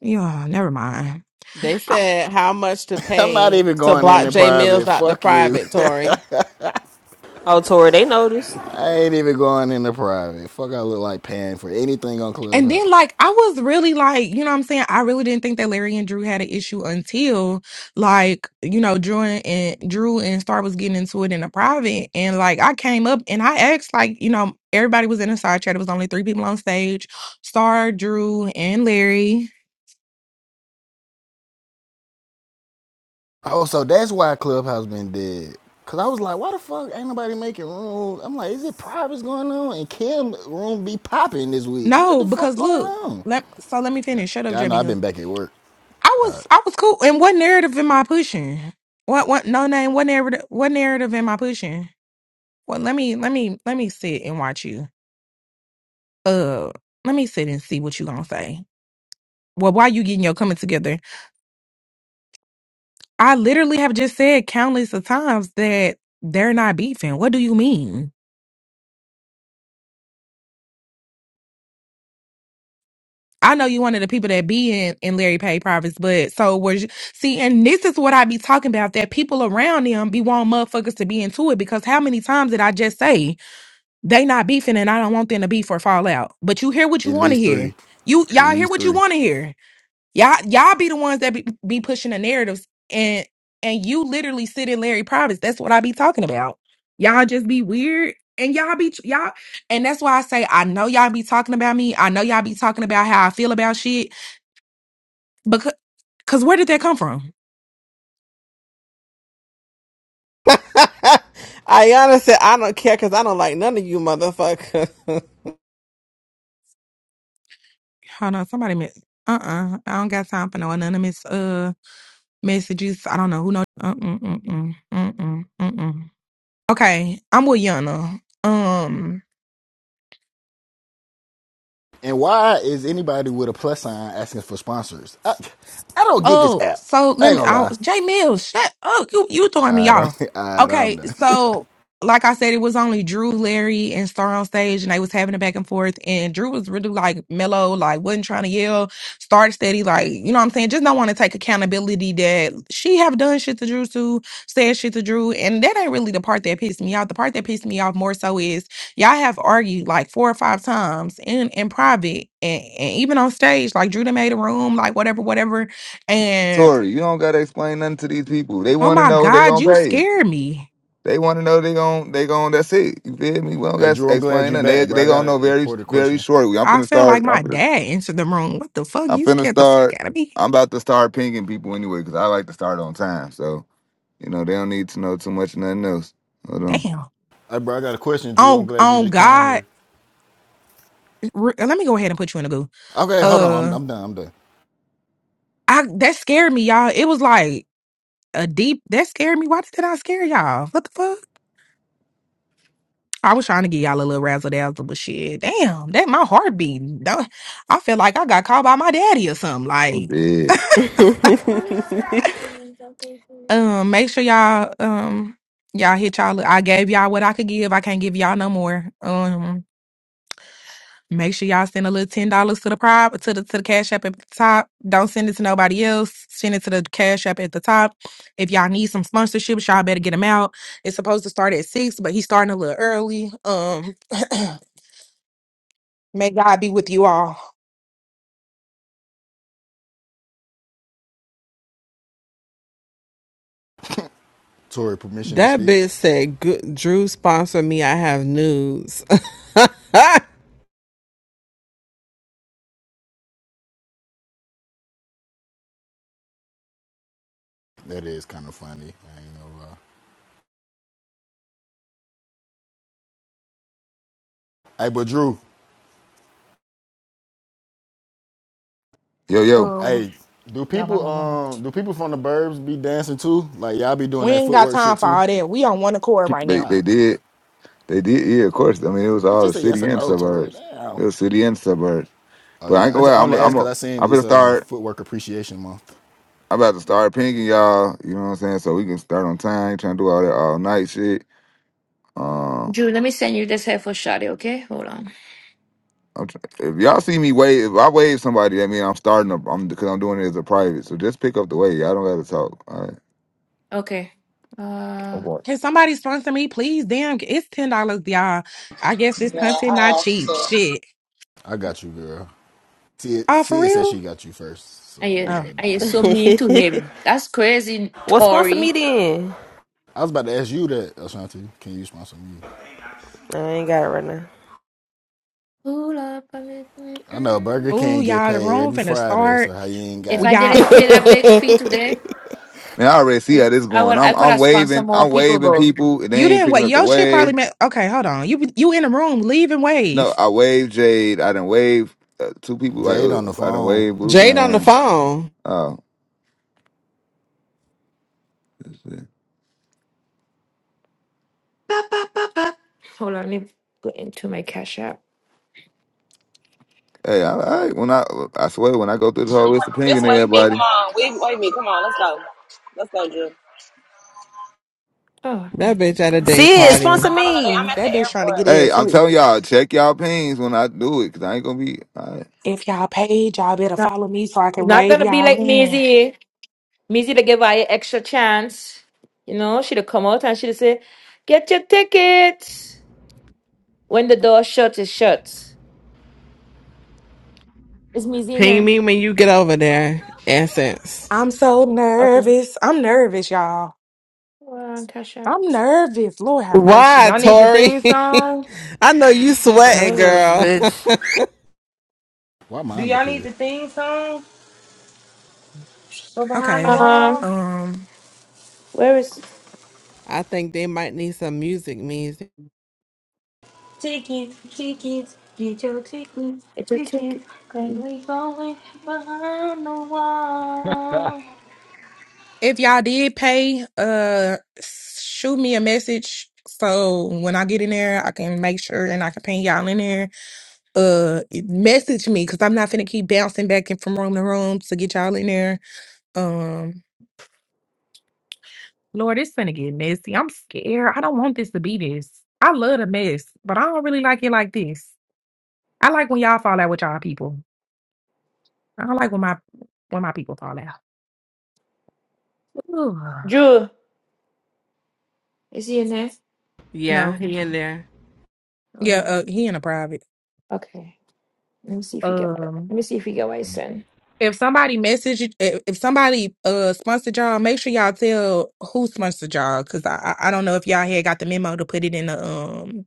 S13: yeah. Never mind.
S6: They said how much to
S17: *laughs* I'm not
S6: pay
S17: even
S6: to
S17: going in
S6: block
S17: the
S6: Jay Mills
S17: private.
S6: out the
S17: Fuck you.
S6: private, Tory.
S2: *laughs* oh, Tori, they noticed.
S17: *laughs* I ain't even going in the private. Fuck I look like paying for anything on
S13: And then,
S17: Clubhouse.
S13: like, I was really like, you know what I'm saying? I really didn't think that Larry and Drew had an issue until, like, you know, Drew and, and Drew and Star was getting into it in a private. And, like, I came up and I asked, like, you know, everybody was in a side chat. It was only three people on stage Star, Drew, and Larry.
S17: Oh, so that's why Clubhouse been dead. Cause I was like, why the fuck ain't nobody making rooms? I'm like, is it privates going on? And Kim room be popping this week. I'm like,
S13: No,
S17: the fuck
S13: because
S17: going
S13: look,
S17: on?
S13: let, so let me
S17: Yeah,
S13: finish. Shut up,
S17: yeah I know.
S13: Jamie.
S17: I've
S13: I
S17: been back at work. All right,
S13: was, I was cool. And what narrative am I pushing? What, what, no name, what narrative, what narrative am I pushing? Well, let me, let me, let me sit and watch you. uh let me sit and see what you gonna say well why you getting your coming together i literally have just said countless of times that they're not beefing what do you mean I know you one of the people that be in, in Larry Page Privates, but so was you. See, and this is what I be talking about that people around them be wanting motherfuckers to be into it because how many times did I just say they not beefing and I don't want them to beef or fall out? But you hear what you
S17: at
S13: want to
S17: least
S13: hear.
S17: three,
S13: You
S17: at
S13: y'all hear
S17: least
S13: what you
S17: three.
S13: want to hear. Y'all, y'all be the ones that be, be pushing the narratives, and and you literally sit in Larry Province. That's what I be talking about. Y'all just be weird, and y'all be y'all, and that's why I say I know y'all be talking about me. I know y'all be talking about how I feel about shit, because cause where did that come from?
S6: *laughs* Ayana said, I don't care because I don't like none of you motherfuckers. *laughs*
S13: Hold on, somebody miss. Uh uh I don't got time for no anonymous uh messages. I don't know who know. Uh uh uh uh uh uh. Okay, I'm with Yana. Um.
S17: And why is anybody with a plus sign asking for sponsors? I, I don't get this
S13: Oh,
S17: app.
S13: so
S17: I
S13: let
S17: ain't
S13: me.
S17: gonna
S13: I,
S17: lie.
S13: Jay Mills, shut up. You you throwing me
S17: All right,
S13: off.
S17: I'm, *laughs* all right, I'm
S13: Okay,
S17: done. *laughs*
S13: so like I said, it was only Drew, Larry, and Star on stage, and they was having a back and forth. And Drew was really like mellow, like wasn't trying to yell, start steady, like you know what I'm saying. Just don't want to take accountability that she have done shit to Drew too, said shit to Drew, and that ain't really the part that pissed me off. The part that pissed me off more so is y'all have argued like four or five times in in private and, and even on stage. Like Drew done made a room, like whatever, whatever and
S5: Tori, you don't gotta explain nothing to these people. They
S13: oh
S5: wanna
S13: my
S5: know they
S13: God,
S5: gonna
S13: you
S5: pay.
S13: scared me.
S5: They wanna know they gon' they gon' that's it. You feel me? We don't
S17: hey,
S5: gotta
S17: Drew, I'm glad
S5: explain
S17: you
S5: nothing. They
S17: back, bro.
S5: they
S17: I got
S5: gonna know
S17: a
S5: very
S17: important
S5: very
S17: question.
S5: shortly. I'm
S13: I
S5: finna
S13: felt like
S5: start I'm
S13: my
S5: finna,
S13: dad entered the room. What the fuck?
S5: I'm
S13: You
S5: finna
S13: scared the
S5: start
S13: fuck out of me?
S5: I'm about to start pinging people anyway, because I like to start on time. So, you know, they don't need to know too much of nothing else. Hold on.
S13: Damn.
S17: Hey, bro, I got a question, Drew. I'm
S13: Oh,
S17: glad you
S13: oh
S17: just came
S13: God.
S17: here.
S13: Re- Let me go ahead and put you in a goo.
S17: Okay, hold on. I'm,
S13: Uh,
S17: I'm done. I'm done.
S13: I that scared me, y'all. It was like a deep that scared me. Why did I scare y'all? What the fuck? I was trying to get y'all a little razzle dazzle, but shit, damn, that my heart beating. do I feel like I got called by my daddy or something.
S5: I'm
S13: Like
S5: dead.
S13: Um, make sure y'all um y'all hit y'all. I gave y'all what I could give. I can't give y'all no more. Um, make sure y'all send a little ten dollars to the prop to the to the cash app at the top. Don't send it to nobody else. Send it to the cash app at the top. If y'all need some sponsorships, y'all better get them out. It's supposed to start at six, but he's starting a little early. Um, *clears throat* may God be with you all.
S17: Tory permission to
S6: that
S17: speak.
S6: bitch said, "Good- Drew sponsor me. I have news. *laughs*
S17: That is kind of funny. I ain't know. Hey, but Drew,
S5: Yo, yo.
S13: Um,
S17: hey, do
S13: y'all, I
S17: people
S13: don't know.
S17: um do people from the burbs be dancing too? Like y'all be doing
S13: we
S17: that
S13: ain't got
S17: footwork
S13: time
S17: shit
S13: for
S17: too?
S13: all that. We on one accord
S5: *laughs*
S13: right
S5: They
S13: now.
S5: they did. They did, yeah, of course. I mean it was
S17: It's
S5: all the
S17: just a yes
S5: city
S17: or
S5: and
S17: no, Tory.
S5: suburbs.
S17: Damn.
S5: It was city and suburbs.
S17: Oh
S5: But I ain't
S17: yeah, I,
S5: gonna
S17: just, I
S5: lie, I'm a,
S17: only asked
S5: I'm a
S17: because I seen
S5: I'm gonna
S17: it's um
S5: start.
S17: footwork appreciation month.
S5: I'm about to start pinging y'all. You know what I'm saying? So we can start on time. Ain't Trying to do all that all night shit. Um,
S1: Drew, let me send you this here for Shadi, okay? Hold on.
S5: I'm tr- if y'all see me wave, if I wave somebody, that mean I'm starting. A, I'm because I'm doing it as a private. So just pick up the wave. I don't got to talk. All right.
S1: Okay. Uh,
S5: Okay.
S13: Can somebody sponsor me, please? Damn, it's ten dollars, y'all. I guess this
S14: Yeah, I
S13: content not
S14: have
S13: cheap.
S14: to.
S13: Shit.
S17: I got you, girl. See,
S13: Oh, for
S17: see, said she
S13: real?
S17: got you first, so
S1: and
S17: I'm
S1: you,
S17: gonna
S13: Oh.
S1: and
S17: let her
S1: you so
S17: handle that.
S1: mean to him. That's crazy,
S2: Well, sponsor me
S1: Tori.
S2: then.
S17: I was about to ask you that, Ashanti. Can you sponsor me?
S2: I ain't got it right now.
S1: Hold up. I mean, mm,
S17: I know Burger
S1: mm.
S13: Ooh,
S17: King get
S13: y'all, the
S17: paid
S13: room
S17: every
S13: finna
S17: Friday, so
S13: start.
S17: how you ain't
S1: If
S13: We-
S17: got
S1: I
S13: Y'all,
S1: didn't pay that big fee today,
S5: Man, I already see how this
S1: I
S5: going.
S1: would,
S5: I'm
S1: I could
S5: I'm
S1: have sponsored
S5: waving.
S1: more
S5: I'm
S1: people,
S5: waving
S1: though.
S5: people, and they
S13: you
S5: ain't
S13: didn't
S5: picking
S13: wait.
S5: up the
S13: Your shit probably
S5: wave.
S13: meant okay, hold on. You you in the room, leave and
S5: No,
S13: wave.
S5: I wave Jade. I done wave uh, two people. Like
S17: Jade on the
S5: uh, I done
S17: phone?
S5: wave Blue
S6: Jade on the
S5: Dime.
S6: phone.
S5: Oh, this shit.
S1: Hold on. Let me go into my Cash App.
S5: hey, I, I when I I swear when I go through this whole list of pinging
S14: Just wave me.
S5: everybody.
S14: Come on. Wave, wave me. Come on. Let's go. Let's go, Drew. I'm
S1: Oh,
S6: That bitch at a day
S2: Sid,
S13: That
S6: party.
S2: sponsor
S14: not on a day. I'm
S2: me.
S14: at the
S13: that bitch trying to get
S14: airport.
S13: in
S5: Hey, I'm
S13: free.
S5: telling y'all, check y'all pings when I do it, cause I ain't gonna be. All right.
S13: If y'all paid, y'all better
S1: not,
S13: follow me so I can
S1: not going
S13: wave
S1: to be
S13: y'all
S1: like
S13: in.
S1: Maisie. Missy to give her a extra chance. You know, she'd have come out and she'd say, Get your ticket. When the door shut, is shut. Is Missy in
S6: Ping
S1: here?
S6: me when you get over there, Essence.
S13: I'm so
S1: Okay.
S13: nervous. I'm nervous, y'all.
S1: Well, cash out.
S13: I'm nervous. Lord have mercy.
S6: Why,
S15: Y'all need the
S6: Tori?
S15: theme song?
S6: *laughs* I know you sweating,
S2: Cuz,
S6: girl.
S2: bitch.
S17: Why
S15: Do
S17: mine
S15: y'all
S17: up
S15: need
S17: here?
S15: the theme song for behind the
S13: Okay.
S15: wall?
S1: Um,
S13: Um.
S1: where is
S6: *laughs* I think they might need some music music.
S15: Tickets, tickets, get your tickets,
S1: it's your ticket?
S15: tickets, 'cause we going behind the wall.
S13: If y'all did pay, uh, shoot me a message so when I get in there, I can make sure and I can ping y'all in there. Uh, message me because I'm not finna keep bouncing back and from room to room to get y'all in there. Um, Lord, it's finna get messy. I'm scared. I don't want this to be this. I love a mess, but I don't really like it like this. I like when y'all fall out with y'all people. I don't like when my when my people fall out. Ugh.
S1: Drew, is he in there?
S6: Yeah,
S13: No.
S6: he in there.
S1: Hold
S13: Yeah.
S1: on.
S13: Uh, he in a private.
S1: Okay. Let me see if he get my
S13: Um.
S1: let me see if he get my son.
S13: If somebody messaged, if if somebody uh sponsored y'all, make sure y'all tell who sponsored y'all, cause I I I don't know if y'all had got the memo to put it in the um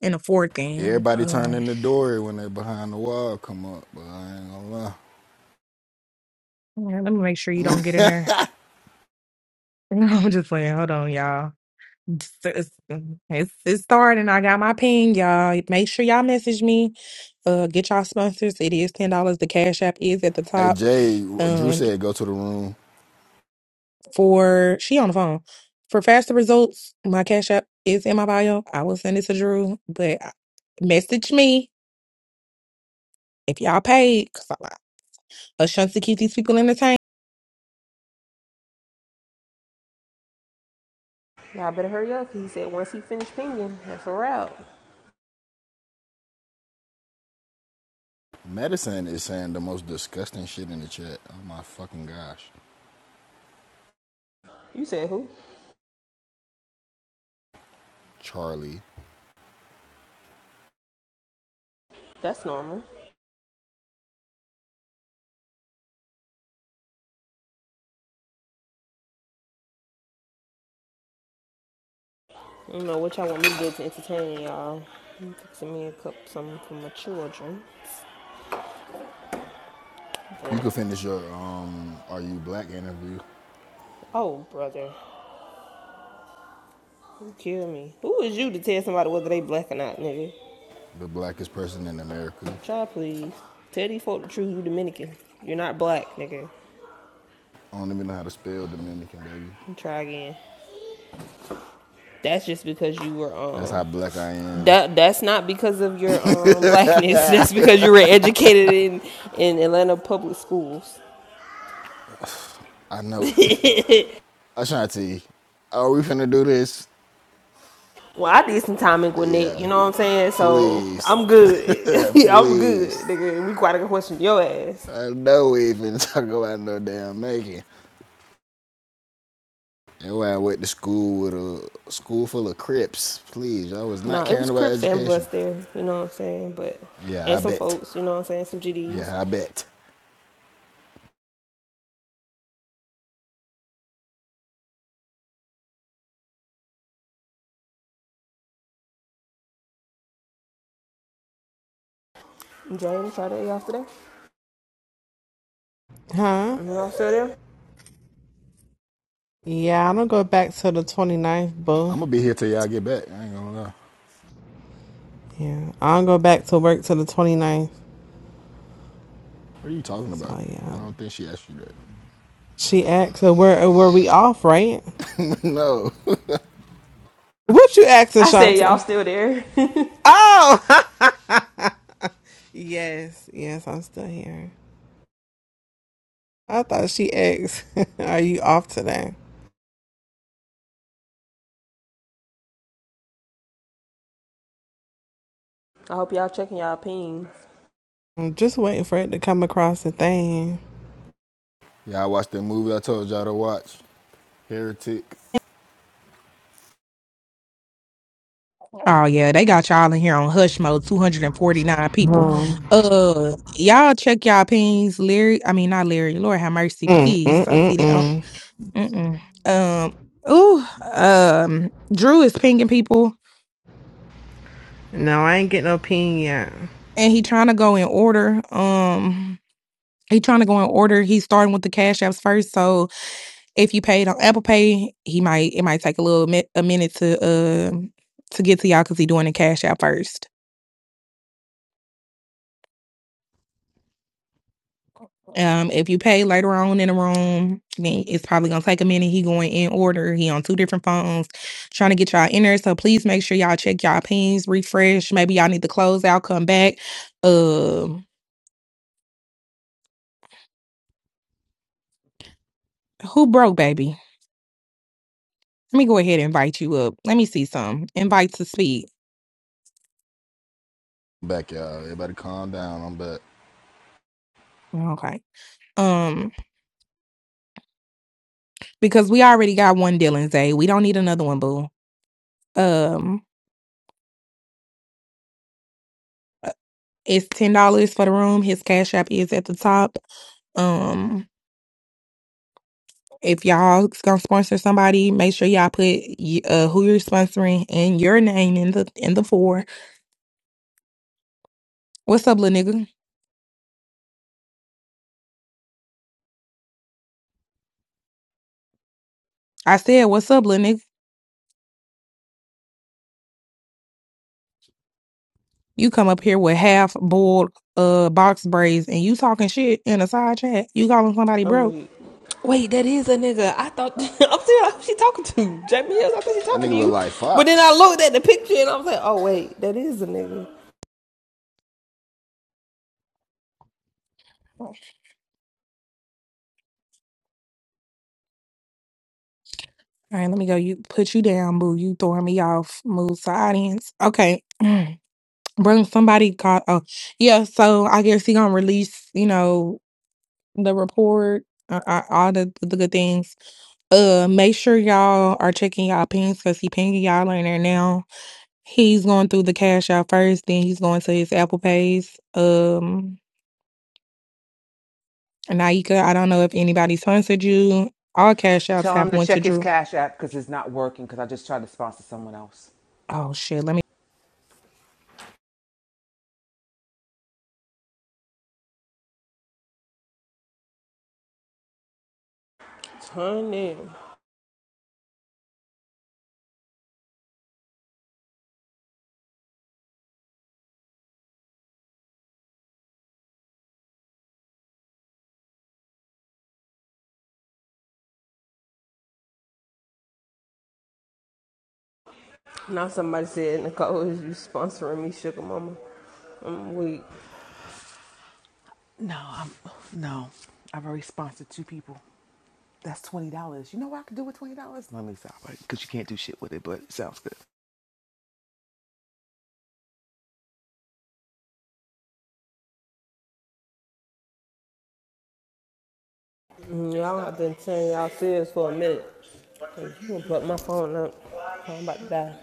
S13: in the fourth thing.
S17: Everybody
S13: Um,
S17: turning the door when they behind the wall come up, but I ain't gonna
S13: yeah, let me make sure you don't get in
S17: lie.
S13: there. *laughs* I'm just playing. Hold on, y'all. It's, it's, it's it's starting. I got my ping, y'all. Make sure y'all message me. Uh, get y'all sponsors. It is ten dollars. The cash app is at the
S17: *laughs* hey
S13: top.
S17: Jay, Drew
S13: Um.
S17: said go to the room.
S13: for she on the phone for faster results my cash app is in my bio i will send it to drew but uh, message me if y'all paid because i'm like, a chance to keep these people entertained
S2: Y'all better hurry up. he said once he finished pinging, that's a wrap.
S17: Medicine is saying the most disgusting shit in the chat. Oh my fucking gosh.
S2: You said who?
S17: Charlie.
S2: That's normal. You know what y'all want me to do to entertain y'all. I'm fixing me a cup something for my children.
S17: You could
S2: But,
S17: finish your um Are You Black interview.
S2: oh, brother, you kill me. Who is you to tell somebody whether they black or not, nigga?
S17: The blackest person in America.
S2: Try please. Tell these folk the truth. You Dominican. You're not black, nigga.
S17: I don't even know how to spell Dominican baby.
S2: Try again. That's just because you were
S17: That's how
S2: um.
S17: black I am.
S2: That that's not because of your um *laughs*
S17: *laughs*
S2: blackness. That's because you were educated in in Atlanta public schools.
S17: I
S2: *laughs*
S17: know.
S2: well,
S17: Ashanti, are we finna do this?
S2: I did some time in Gwinnett.
S17: Yeah.
S2: You know what I'm saying? So
S17: Please.
S2: I'm
S17: *laughs*
S2: good. *laughs* I'm good,
S17: Please.
S2: nigga. We quite a question your ass.
S17: I know we ain't finna *laughs* talk about no damn Megan. And when I went to school with a school full of Crips, please, I was not
S2: No, nah, it
S17: caring
S2: was
S17: about
S2: Crips and
S17: education.
S2: Bloods there, you know what I'm saying? But
S17: Yeah, I
S2: and some
S17: bet.
S2: folks, you know what I'm saying, some GDs.
S17: Yeah, I bet.
S2: James, try to y'all still
S6: Huh?
S2: there? Y'all still there?
S6: Yeah, I don't go back to the twenty ninth, boo.
S17: I'm gonna be here till y'all get back. I ain't gonna lie.
S6: Yeah, I don't go back to work till the twenty ninth.
S17: What are you talking about?
S6: So,
S17: I
S6: yeah.
S17: don't think she asked you
S6: She asked, so were, were we off, right?
S17: that. *laughs* no.
S6: What you asking,
S2: I said y'all
S6: Shanti?
S2: still there. *laughs* I
S6: Oh! *laughs* yes, yes, I'm still here. I thought she asked, *laughs* are you off today?
S2: hope y'all checking y'all pings.
S6: I'm just waiting for it to come across the thing.
S17: Yeah, I watched that movie I told y'all to watch. Heretic.
S13: oh yeah they got y'all in here on hush mode 249 people uh y'all check y'all pings larry i mean not larry lord have mercy
S6: Mm,
S13: please
S6: mm,
S13: i
S6: mm,
S13: see that oh,
S6: mm.
S13: mm-mm. um ooh, um drew is pinging people
S6: No, I ain't get no pin yet.
S13: and he trying to go in order. Um, He trying to go in order. He's starting with the cash apps first. So if you paid on Apple Pay, he might it might take a little mi- a minute to uh, to get to y'all because he's doing the cash app first. Um, if you pay later on in the room, then it's probably gonna take a minute. He going in order. He on two different phones, trying to get y'all in there. So please make sure y'all check y'all pings, refresh. Maybe y'all need to close out, come back. Um, uh, who broke, baby? Let me go ahead and invite you up. Let me see some invite to speak.
S17: I'm Back y'all. Everybody calm down. I'm back.
S13: Okay. Um, because we already got one Dylan Day. We don't need another one, boo. Um, it's ten dollars for the room. His cash app is at the top. Um, if y'all gonna sponsor somebody, make sure y'all put uh who you're sponsoring and your name in the in the four. What's up, little nigga? I said, what's up, little nigga? You come up here with half boiled uh box braids and you talking shit in a side chat. You calling somebody
S2: I'm
S13: broke?
S2: weak. Wait, that is a nigga. I thought *laughs* I'm still like, who she talking to? Jamie Hills, I thought she
S17: That
S2: talking to
S17: nigga look
S2: you.
S17: like
S2: But then
S17: Fox.
S2: I looked at the picture and I was like, oh wait, that is a nigga.
S13: All right, let me go. You put you down, boo. You throwing me off. Move to audience. Okay. *clears throat* Bro, somebody called. Oh, yeah. So I guess he gonna release, you know, the report, uh, uh, all the, the good things. Uh, make sure y'all are checking y'all pings because he pinging y'all in there now. He's going through the cash out first, then he's going to his Apple Pays. Um, Naika, I don't know if anybody sponsored you. All cash apps
S11: Tell him
S13: have
S11: to
S13: one to
S11: check his
S13: Drew.
S11: Cash App because it's not working because I just tried to sponsor someone else.
S13: Oh shit, let me.
S2: Turn in. Now somebody said, Nicole, is you sponsoring me, Sugar Mama? I'm weak.
S11: No, I'm, no. I've already sponsored two people. That's twenty dollars. You know what I could do with twenty dollars? Let me stop it because you can't do shit with it. But it sounds good.
S2: Mm, Y'all have been saying y'all serious for a minute. Hey, you gonna fuck my phone up. I'm about to die.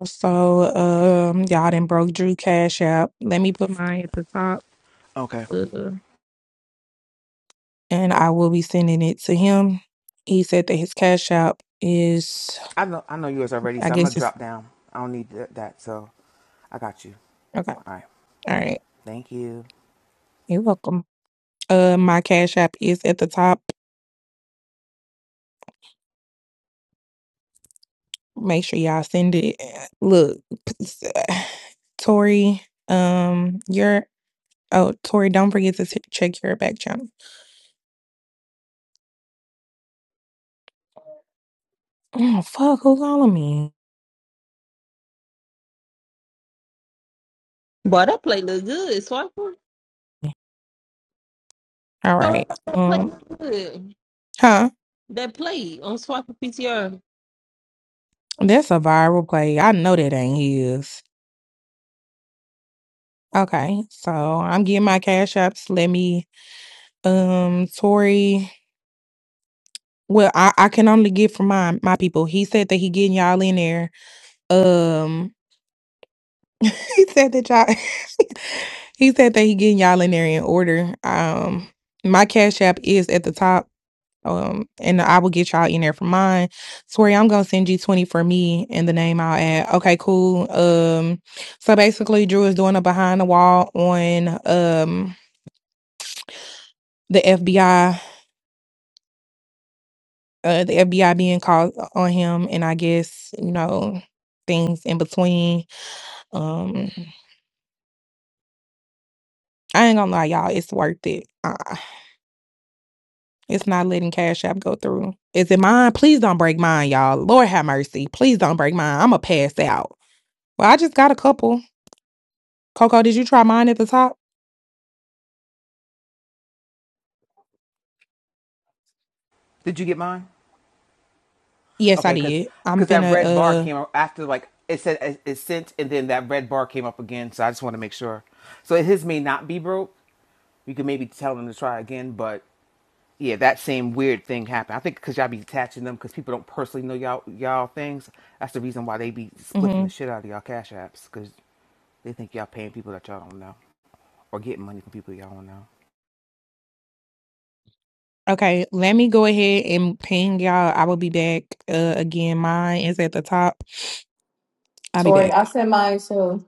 S13: Also, um, y'all done broke Drew cash app. Let me put mine at the top.
S11: Okay.
S13: Uh, and I will be sending it to him. He said that his cash app is,
S11: I know I know yours already,
S13: I
S11: so I'm gonna
S13: guess it's
S11: drop down. I don't need that. that so I got you.
S13: okay. All
S11: All right.
S13: right,
S11: Thank you.
S13: you're welcome. Uh, my cash app is at the top. Make sure y'all send it. Look, *sighs* Tori, um, your oh Tori, don't forget to check your back channel. Oh fuck, Who's calling me?
S2: Boy, that play look good. Swiper,
S13: All
S2: So
S13: right,
S2: that play
S13: um,
S2: look good.
S13: huh?
S2: That play on Swiper PTR.
S13: That's a viral play. I know that ain't his. Okay, so I'm getting my cash apps. Let me, um, Tori. Well, I, I can only get from my my people. He said that he getting y'all in there. Um, *laughs* he said that y'all. *laughs* he said that he getting y'all in there in order. Um, my cash app is at the top. Um, and I will get y'all in there for mine. Tori, I'm gonna send you twenty for me and the name I'll add. Okay, cool. Um, so basically, Drew is doing a behind the wall on um the FBI uh, the FBI being called on him, and I guess you know things in between. Um, I ain't gonna lie, y'all, it's worth it. Uh, it's not letting Cash App go through. Is it mine? Please don't break mine, y'all. Lord have mercy. Please don't break mine. I'ma pass out. Well, I just got a couple. Coco, did you try mine at the top?
S11: Did you get mine?
S13: Yes, I
S11: Okay, because
S13: did. I'm
S11: because that red bar
S13: finna
S11: came up after like it said it, it sent, and then that red bar came up again. So I just want to make sure. So his may not be broke, we could maybe tell them to try again. But yeah, that same weird thing happened. I think because y'all be attaching them because people don't personally know y'all y'all things. That's the reason why they be
S13: uh.
S11: spliffing
S13: hmm
S11: the shit out of y'all cash apps because they think y'all paying people that y'all don't know or getting money from people y'all don't know.
S13: Okay, let me go ahead and ping y'all. I will be back uh, again. Mine is at the top. I'll be
S18: Tori,
S13: back.
S18: I sent mine to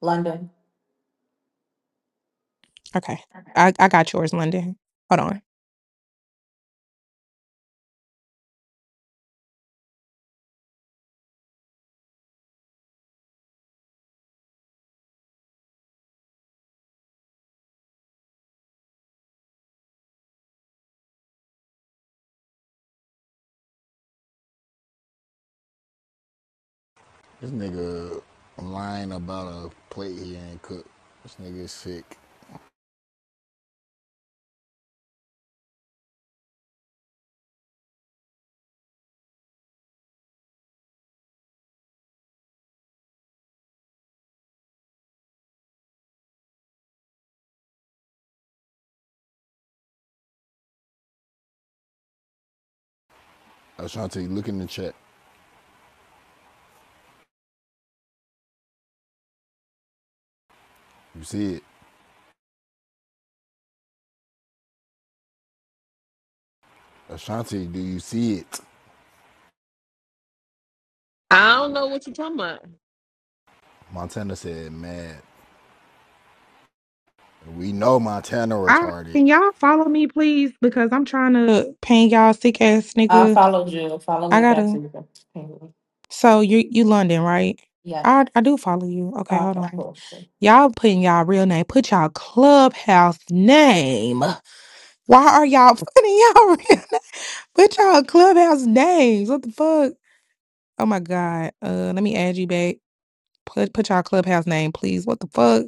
S18: London.
S13: Okay. I, I got yours, London. Hold on.
S17: This nigga lying about a plate he ain't cooked. This nigga is sick. Ashanti, look in the chat. You see it. Ashanti, do you see it?
S2: I don't know what you talking about.
S17: Montana said, mad. We know Montana
S13: I
S17: retarded.
S13: can y'all follow me, please, because I'm trying to paint y'all sick ass
S18: I
S13: nigga.
S18: followed you. Follow
S13: I
S18: me back to
S13: gotta.
S18: you. Penguin.
S13: So you you London, right?
S18: Yeah.
S13: I I do follow you. Okay, hold
S18: Okay,
S13: on.
S18: cool. cool.
S13: Y'all putting y'all real name. Put y'all clubhouse name. Why are y'all *laughs* putting y'all real? What y'all clubhouse names? What the fuck? Oh my god. Uh, let me add you back. Put put y'all clubhouse name, please. What the fuck?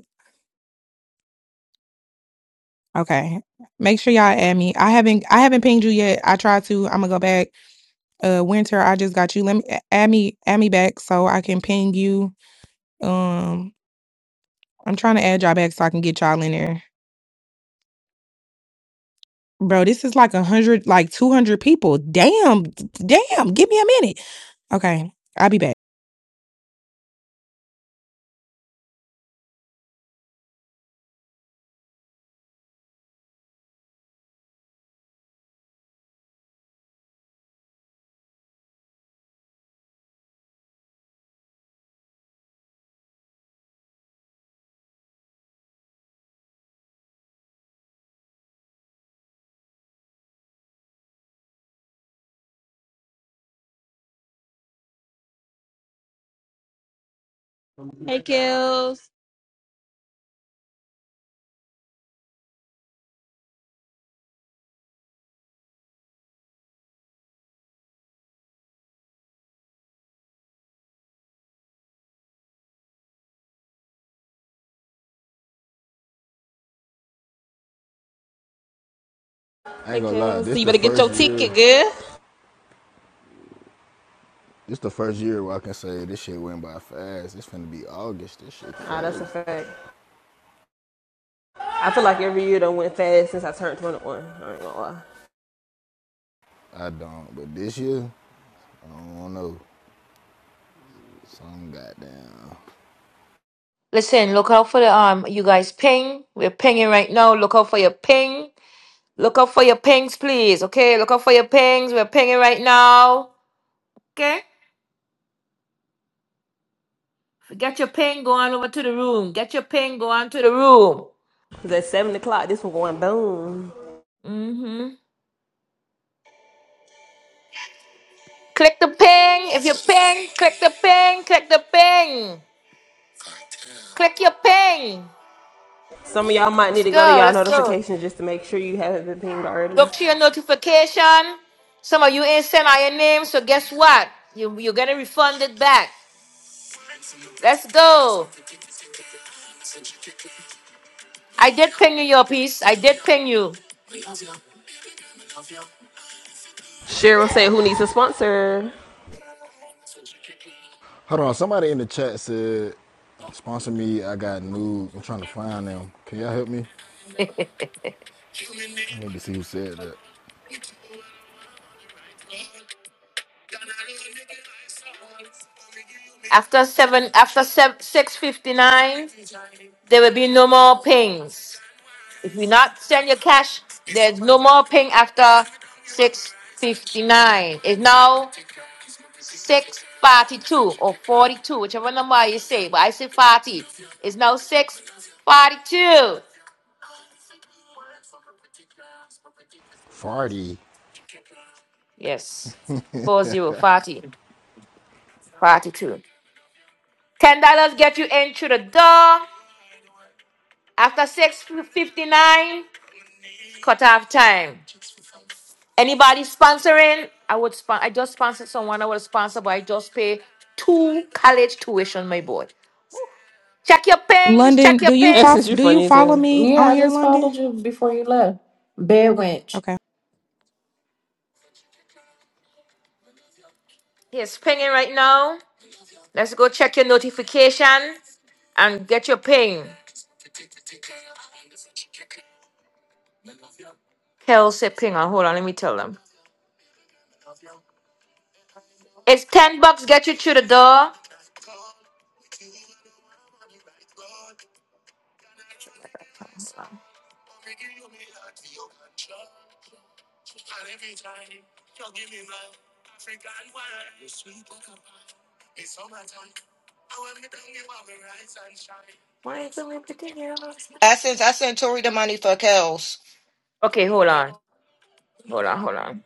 S13: Okay. Make sure y'all add me. I haven't I haven't pinged you yet. I tried to. I'm gonna go back. Uh, winter. I just got you. Let me add me add me back so I can ping you. Um, I'm trying to add y'all back so I can get y'all in there. Bro, this is like a hundred, like two hundred people. Damn, d- damn. Give me a minute. Okay, I'll be back.
S2: Hey, Kels.
S17: I ain't
S2: Hey,
S17: gonna lie,
S2: Kels,
S17: this
S2: so you
S17: the
S2: better get
S17: first
S2: your
S17: year.
S2: ticket, girl.
S17: This the first year where I can say this shit went by fast. It's finna be August. This shit
S2: Ah, that's
S17: crazy.
S2: a fact. I feel like every year done went fast since I turned 21. I ain't gonna lie.
S17: I don't, but this year, I don't know. Some goddamn.
S1: Listen, look out for the um you guys ping. We're pinging right now. Look out for your ping. Look out for your pings, please. Okay, look out for your pings. We're pinging right now. Okay? Get your pen going over to the room. Get your pen going to the room.
S2: Cause at 7 o'clock, this one going boom.
S1: Mm-hmm. Click the ping. If you ping, click the ping, click the ping. Click your ping.
S2: Some of y'all might need
S1: Let's
S2: to go to
S1: go.
S2: y'all
S1: Let's go.
S2: notifications just to make sure you haven't been pinged already.
S1: Look to your notification. Some of you ain't sent out your name, so guess what? You, you're gonna refund it back. Let's go. I did ping you your piece. I did ping you.
S2: Cheryl said, who needs a sponsor?
S17: Hold on, somebody in the chat said, sponsor me. I got nudes. I'm trying to find them. Can y'all help me?
S1: *laughs*
S17: I need to see who said that.
S1: after seven, after seven, six fifty nine, there will be no more pings. If you not send your cash, there's no more ping after 659. It's now 642 or 42, whichever number you say. But I say 40. It's now 642.
S17: Farty.
S1: Yes. four zero forty forty-two. $10 get you in through the door. After 659, cut off time. Anybody sponsoring? I would spon- I just sponsored someone. I would sponsor, but I just pay two college tuition, my boy. Check your pings. Check
S13: London,
S1: your
S13: do you fo-
S2: Essence,
S1: pings.
S2: you're
S13: do you
S2: funny as
S13: follow
S2: hell.
S13: me
S18: Yeah,
S13: on
S18: I
S13: here,
S18: just
S13: London?
S18: followed you before you left. Bed wench.
S13: Okay.
S1: He's pinging right now. Let's go check your notification and get your ping. Kelsey pinger. Hold on, let me tell them. It's ten bucks. Get you through the door.
S9: I sent I sent Tori the money for Kels.
S1: Okay, hold on. Hold on. Hold on.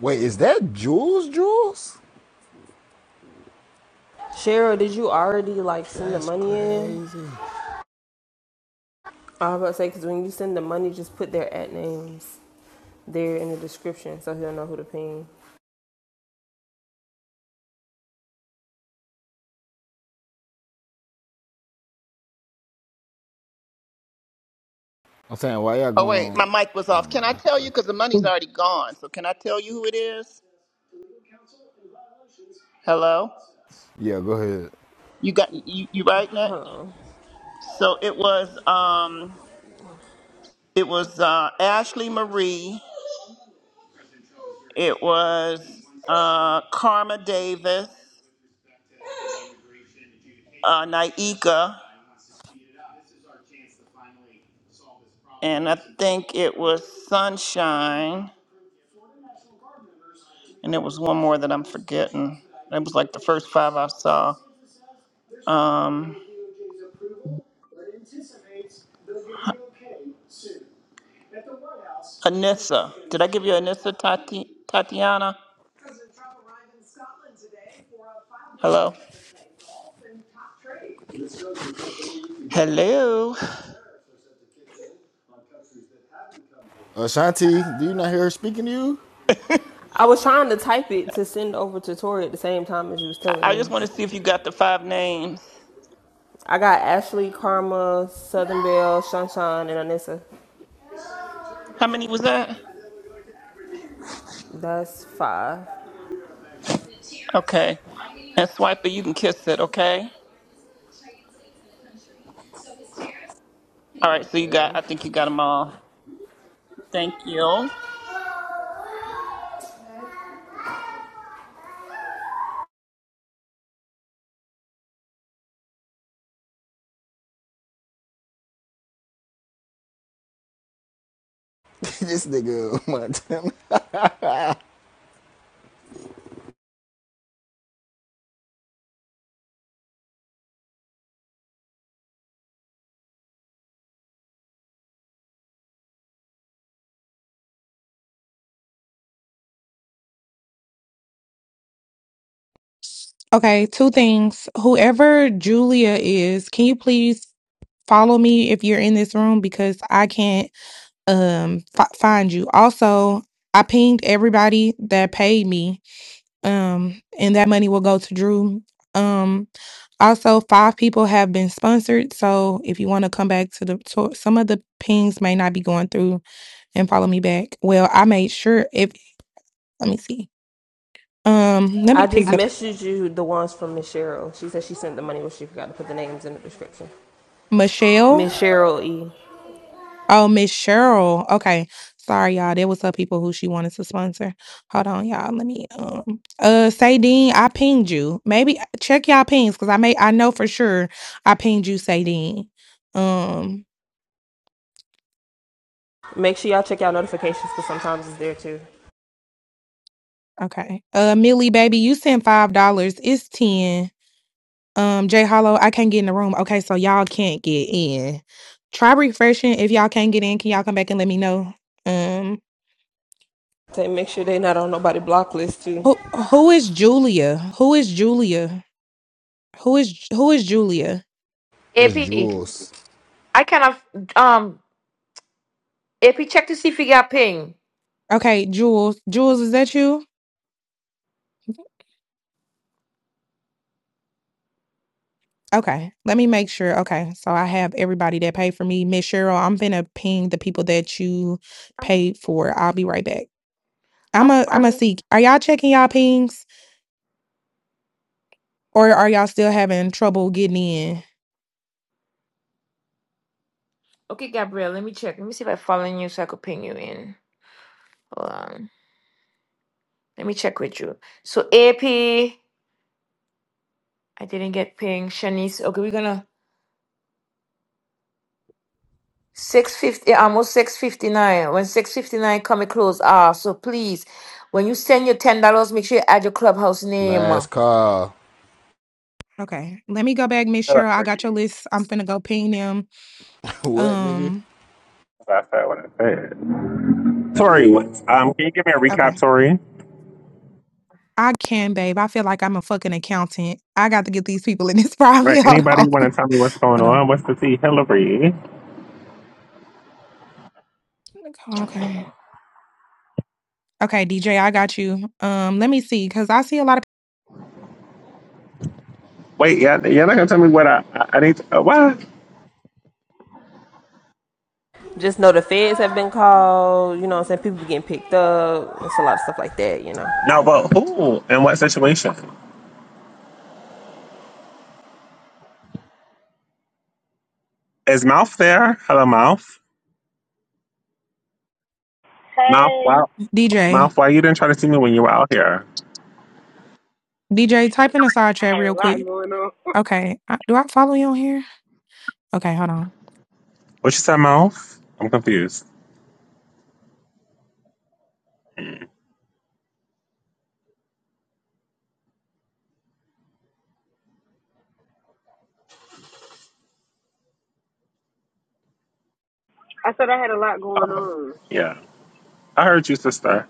S17: Wait, is that Jules Jules?
S2: Cheryl, did you already like send the
S17: That's
S2: money in?
S17: crazy.
S2: I was about to say because when you send the money, just put their at names there in the description so he'll know who to ping.
S17: I'm saying, why y'all
S19: Oh, wait, my
S17: going?
S19: mic was
S17: Never
S19: off. Can I
S17: mind.
S19: tell you?
S17: Fuck it.
S19: Because the money's already gone. So can I tell you who it is? Hello?
S17: Yeah, go ahead.
S19: You got, you, you right, Nat? So it was, um, it was, uh, Ashley Marie. It was, uh, Karma Davis, uh, Naika. And I think it was Sunshine. And it was one more that I'm forgetting. It was like the first five I saw. Um. Anissa. Did I give you Anissa Tati, Tatiana? Hello? Hello?
S17: Ashanti, do you not hear her speaking to you?
S2: I was trying to type it to send over to Tori at the same time as you was
S19: I
S2: telling
S19: I just
S2: me.
S19: want to see if you got the five names.
S2: I got Ashley, Karma, Southern Belle, Shanshan, and Anissa.
S19: How many was that?
S2: That's five.
S19: Okay. And Swiper, you can kiss it, okay? All right, so you got,
S2: Gotcha.
S19: I think you got them all. Thank you.
S17: *laughs* this nigga, Montana.
S13: Okay, two things. Whoever Julia is, can you please follow me if you're in this room because I can't um fi- find you. Also, I pinged everybody that paid me. Um and that money will go to Drew. Um also five people have been sponsored, so if you want to come back to the to, some of the pings may not be going through and follow me back. Well, I made sure if let me see. Um let me
S2: I
S13: pick
S2: just
S13: up
S2: messaged you the ones from Miss Cheryl. She said she sent the money, but she forgot to put the names in the description.
S13: Michelle
S2: Miss Cheryl E.
S13: Oh, Miss Cheryl. Okay. Sorry, y'all. There was some people who she wanted to sponsor. Hold on, y'all. Let me um uh say I pinged you. Maybe check y'all pings because I may I know for sure I pinged you, say Um,
S2: Make sure y'all check out notifications because sometimes it's there too.
S13: okay. Uh Millie baby, you sent five dollars. It's ten. Um, Jay Hollow, I can't get in the room. Okay, so y'all can't get in. Try refreshing. If y'all can't get in, can y'all come back and let me know? Um
S2: Say make sure they not on nobody block list too.
S13: who who is Julia? Who is Julia? Who is who is Julia?
S17: *laughs* That's
S1: AP,
S17: Jules.
S1: I cannot. Um, AP, check to see if you got ping.
S13: Okay, Jules. Jules, is that you? Okay, let me make sure. Okay, so I have everybody that paid for me. Miss Cheryl, I'm finna ping the people that you
S1: I'm,
S13: paid for. I'll be right back. I'm
S1: I'm
S13: a I'm a
S1: following.
S13: seek. Are y'all checking y'all pings or are y'all still having trouble getting in?
S1: Okay, Gabrielle, let me check. Let me see if I'm following you so I could ping you in. Hold on. Let me check with you. So, AP. I didn't get paying Shanice. Okay, we're gonna six fifty yeah, almost six fifty nine. When six fifty nine come it close. Ah, so please, when you send your ten dollars, make sure you add your clubhouse name.
S17: Last call.
S13: Okay, let me go back, Miss
S20: Shut up,
S13: Cheryl. I got your
S20: Ricky.
S13: list. I'm finna go ping them.
S17: *laughs* what, nigga?
S13: Um,
S20: That's what I want to say. Tori, what- um, can you give me a
S13: okay.
S20: recap, Tori?
S13: I can, babe. I feel like I'm a fucking accountant. I got to get these people in this
S20: Right.
S13: private. *laughs* Hold
S20: Anybody
S13: on.
S20: want to tell me what's going
S13: Hold
S20: on? What's the tea, Hillary?
S13: on. Okay. Okay, DJ, I got you. Um, let me see, because I see a lot of
S20: Wait, yeah, you're not gonna tell me what I I I need. To, uh, what?
S2: Just know the feds have been called. You know what I'm saying? People be getting picked up. It's a lot of stuff like that, you know.
S20: No, but who? In what situation? Is Mouth there? Hello, Mouth. Mouth,
S21: Hey,
S20: wow.
S13: DJ.
S20: Mouth, why you didn't try to see me when you were out here?
S13: DJ, type in a side
S21: I
S13: chat
S21: had
S13: real
S21: a lot
S13: quick.
S21: going on. *laughs*
S13: Okay, I, do I follow you on here? Okay, hold on.
S20: What you said, Mouth? I'm confused.
S21: I said I had a lot going
S20: Oh,
S21: on.
S20: yeah. I heard you, sister.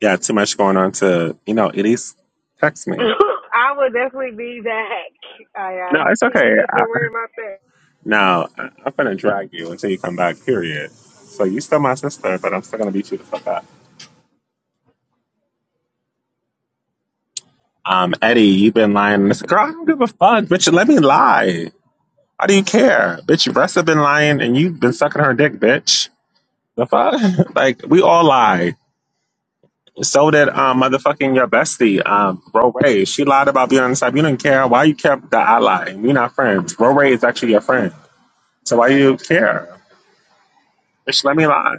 S20: Yeah, too much going on to you know. It is text
S21: *laughs*
S20: me.
S21: I will definitely be back. I
S20: No,
S21: uh,
S20: it's
S21: see you
S20: okay.
S21: to worry about that.
S20: Now, I- I'm gonna drag you until you come back, period. So you still my sister, but I'm still gonna beat you the fuck up. Um, Eddie, you've been lying. And It's like, girl, I don't give a fuck, bitch. Let me lie. Why do you care? Bitch, your breasts have been lying and you've been sucking her dick, bitch. The fuck? *laughs* like, we all lie. So did um motherfucking your bestie, um, Ro Ray. She lied about being on the side. You didn't care. Why you care that I lied? We're not friends. Ro Ray is actually your friend. So why you care? Bitch, let me lie.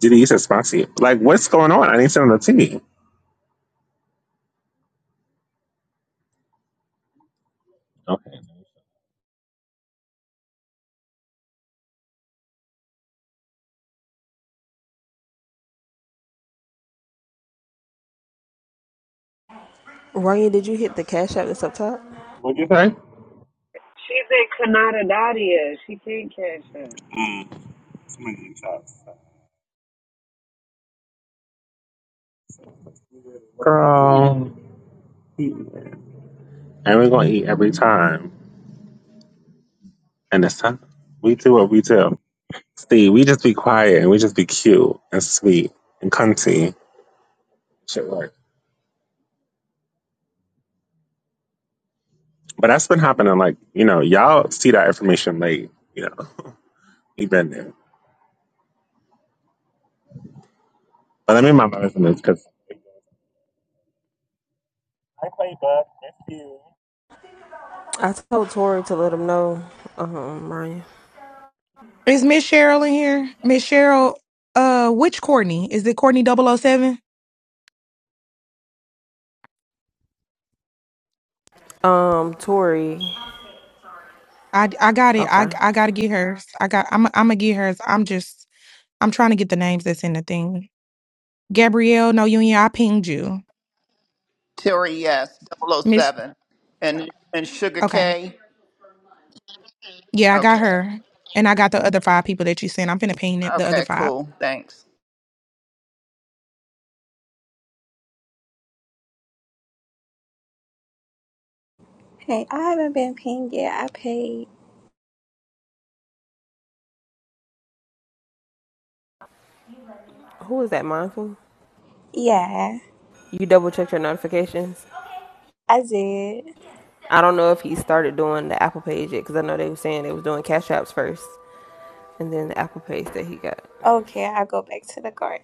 S20: Diddy, you said spicy. Like, what's going on? I need some of the tea. Okay.
S2: Ryan, did you hit the cash app that's up top?
S20: What'd you say?
S21: She's in Canadadia. She can't cash up.
S20: Girl. And we're gonna eat every time. And it's time. We do what we do. See, we just be quiet and we just be cute and sweet and cunty. Shit work. But that's been happening like, you know, y'all see that information late, you know. We've been there. But let me mind my business because I play bud. It's you.
S2: I told Tori to let him know. Um, Ryan.
S13: Is Miss Cheryl in here? Miss Cheryl, uh, which Courtney? Is it Courtney Double O Seven.
S2: Um, Tori.
S13: I, I got it. I
S2: Okay.
S13: I gotta get hers. I got. I'm I'm gonna get hers. I'm just. I'm trying to get the names that's in the thing. Gabrielle, no union. I pinged you,
S19: Terry, yes, Double O
S13: Miss.
S19: Seven. And, and Sugar
S13: Okay.
S19: K?
S13: Yeah, I got
S19: Okay.
S13: her, and I got the other five people that you sent. I'm finna ping the the other
S19: Okay,
S13: five.
S19: cool. Thanks.
S22: Hey, I haven't been pinged yet. I paid.
S2: Who is that, Mindful?
S22: Yeah,
S2: You double checked your notifications.
S22: I did.
S2: I don't know if he started doing the Apple page yet because I know they were saying they was doing cash apps first and then the Apple page that he got.
S22: Okay, I'll go back to the garden.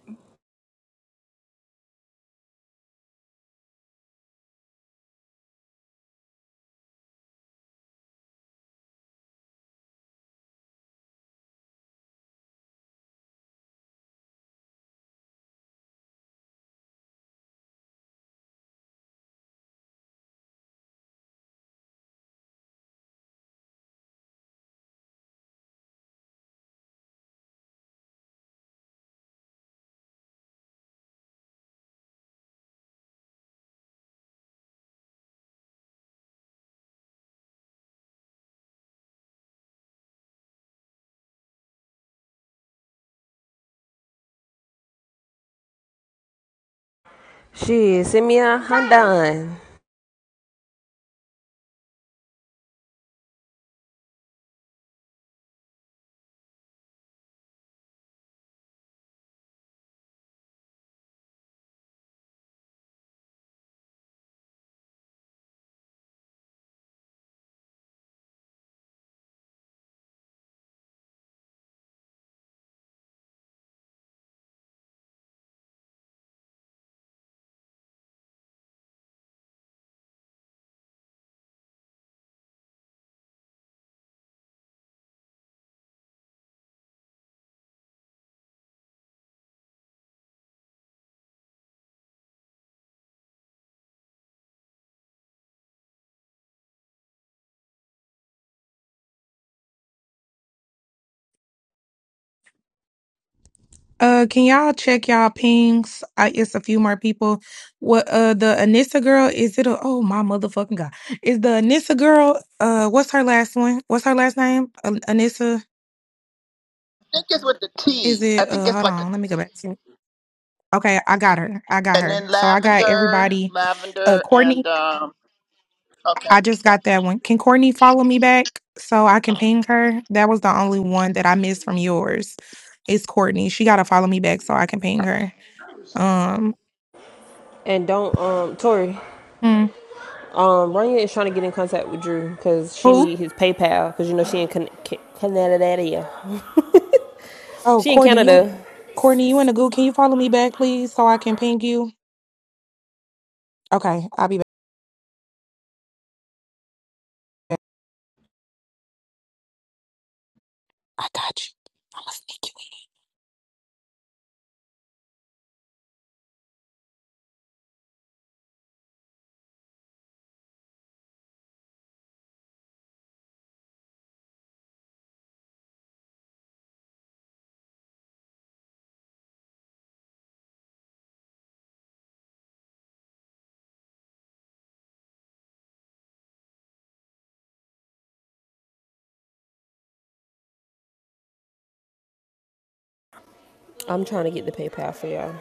S2: Shit, send me a Honda.
S13: Uh, can y'all check y'all pings? I, it's a few more people. What uh the Anissa girl? Is it a oh my motherfucking god? Is the Anissa girl? Uh, what's her last one? What's her last name? An- Anissa?
S19: I think it's with the
S13: Is
S19: T.
S13: it?
S19: I think
S13: Uh,
S19: it's
S13: hold
S19: like,
S13: on. Let me go back. Okay, I got her. I got
S19: and
S13: her.
S19: then
S13: So I got
S19: lavender,
S13: everybody. Uh,
S19: lavender, and
S13: Courtney,
S19: um. Okay.
S13: I just got that one. Can Courtney follow me back so I can ping her? That was the only one that I missed from yours. It's Courtney. She gotta follow me back so I can ping her. Um,
S2: And don't, um, Tori,
S13: hmm,
S2: um, Rania is trying to get in contact with Drew because she
S13: who?
S2: need his PayPal because you know she in Can- Can- Canada.
S13: Oh,
S2: She in
S13: Courtney, you,
S2: Canada.
S13: Courtney, you in the goo? Can you follow me back, please, so I can ping you? Okay, I'll be back. I got you. I'm listening.
S2: I'm trying to get the PayPal for y'all.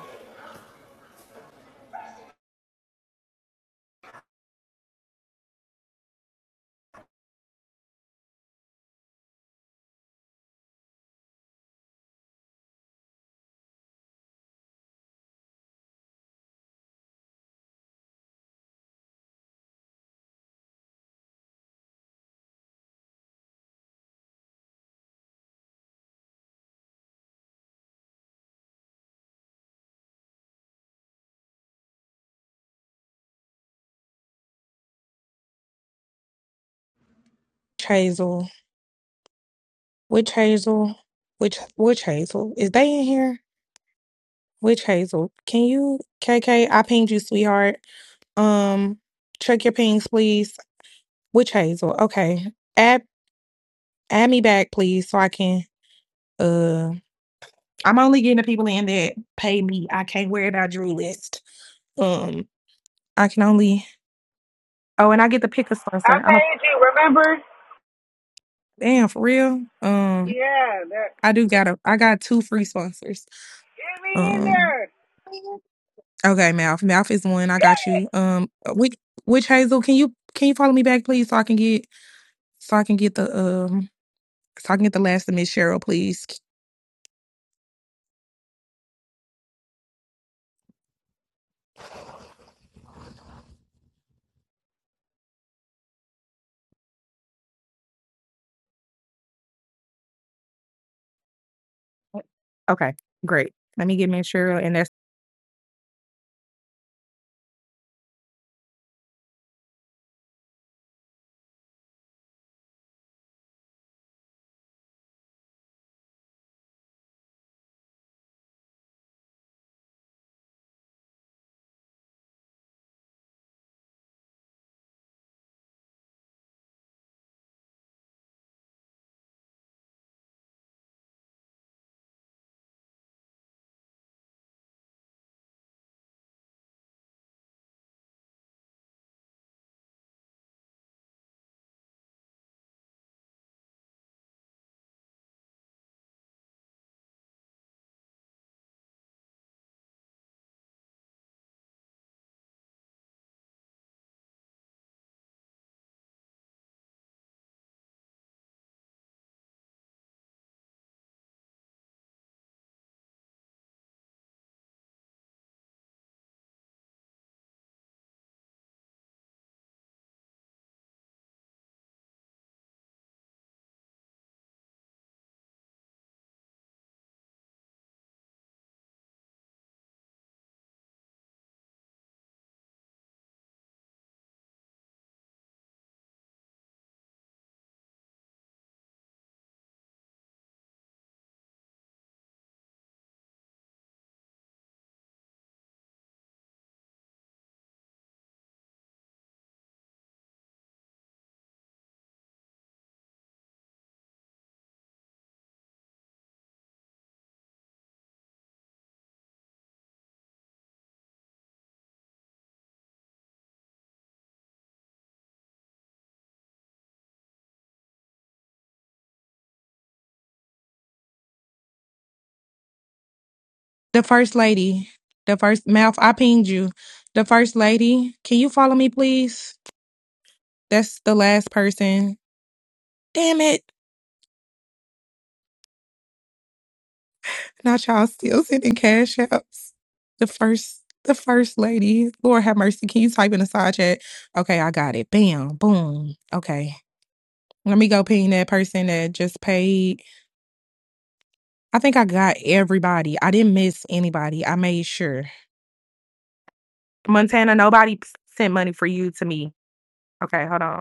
S13: Hazel, which Hazel, which which Hazel is they in here? Which Hazel? Can you, KK? I pinged you, sweetheart. Um, check your pings, please. Which Hazel? Okay, add add me back, please, so I can. Uh, I'm only getting the people in that pay me. I can't worry about Drew list. Um, I can only Oh, and I get to pick a
S21: I
S13: sponsor. I'm a,
S21: paid you, remember?
S13: damn for real. Um,
S21: Yeah, that
S13: I do got a. I got two free sponsors.
S21: get me in
S13: Um,
S21: there.
S13: okay, mouth. Mouth is one. I got
S21: *laughs*
S13: you. Um, uh, which which Hazel? Can you can you follow me back, please, so I can get so I can get the um so I can get the last of Miss Cheryl, please. Okay, great. Let me get Miss Cheryl, and that's the first lady. The first mouth. I pinged you. The first lady. Can you follow me, please? That's the last person. Damn it. Not y'all still sending cash apps. The first, the first lady. Lord have mercy. Can you type in the side chat? Okay, I got it. Bam, boom. Okay, let me go ping that person that just paid. I think I got everybody. I didn't miss anybody. I made sure. Montana, nobody sent money for you to me. Okay, hold on.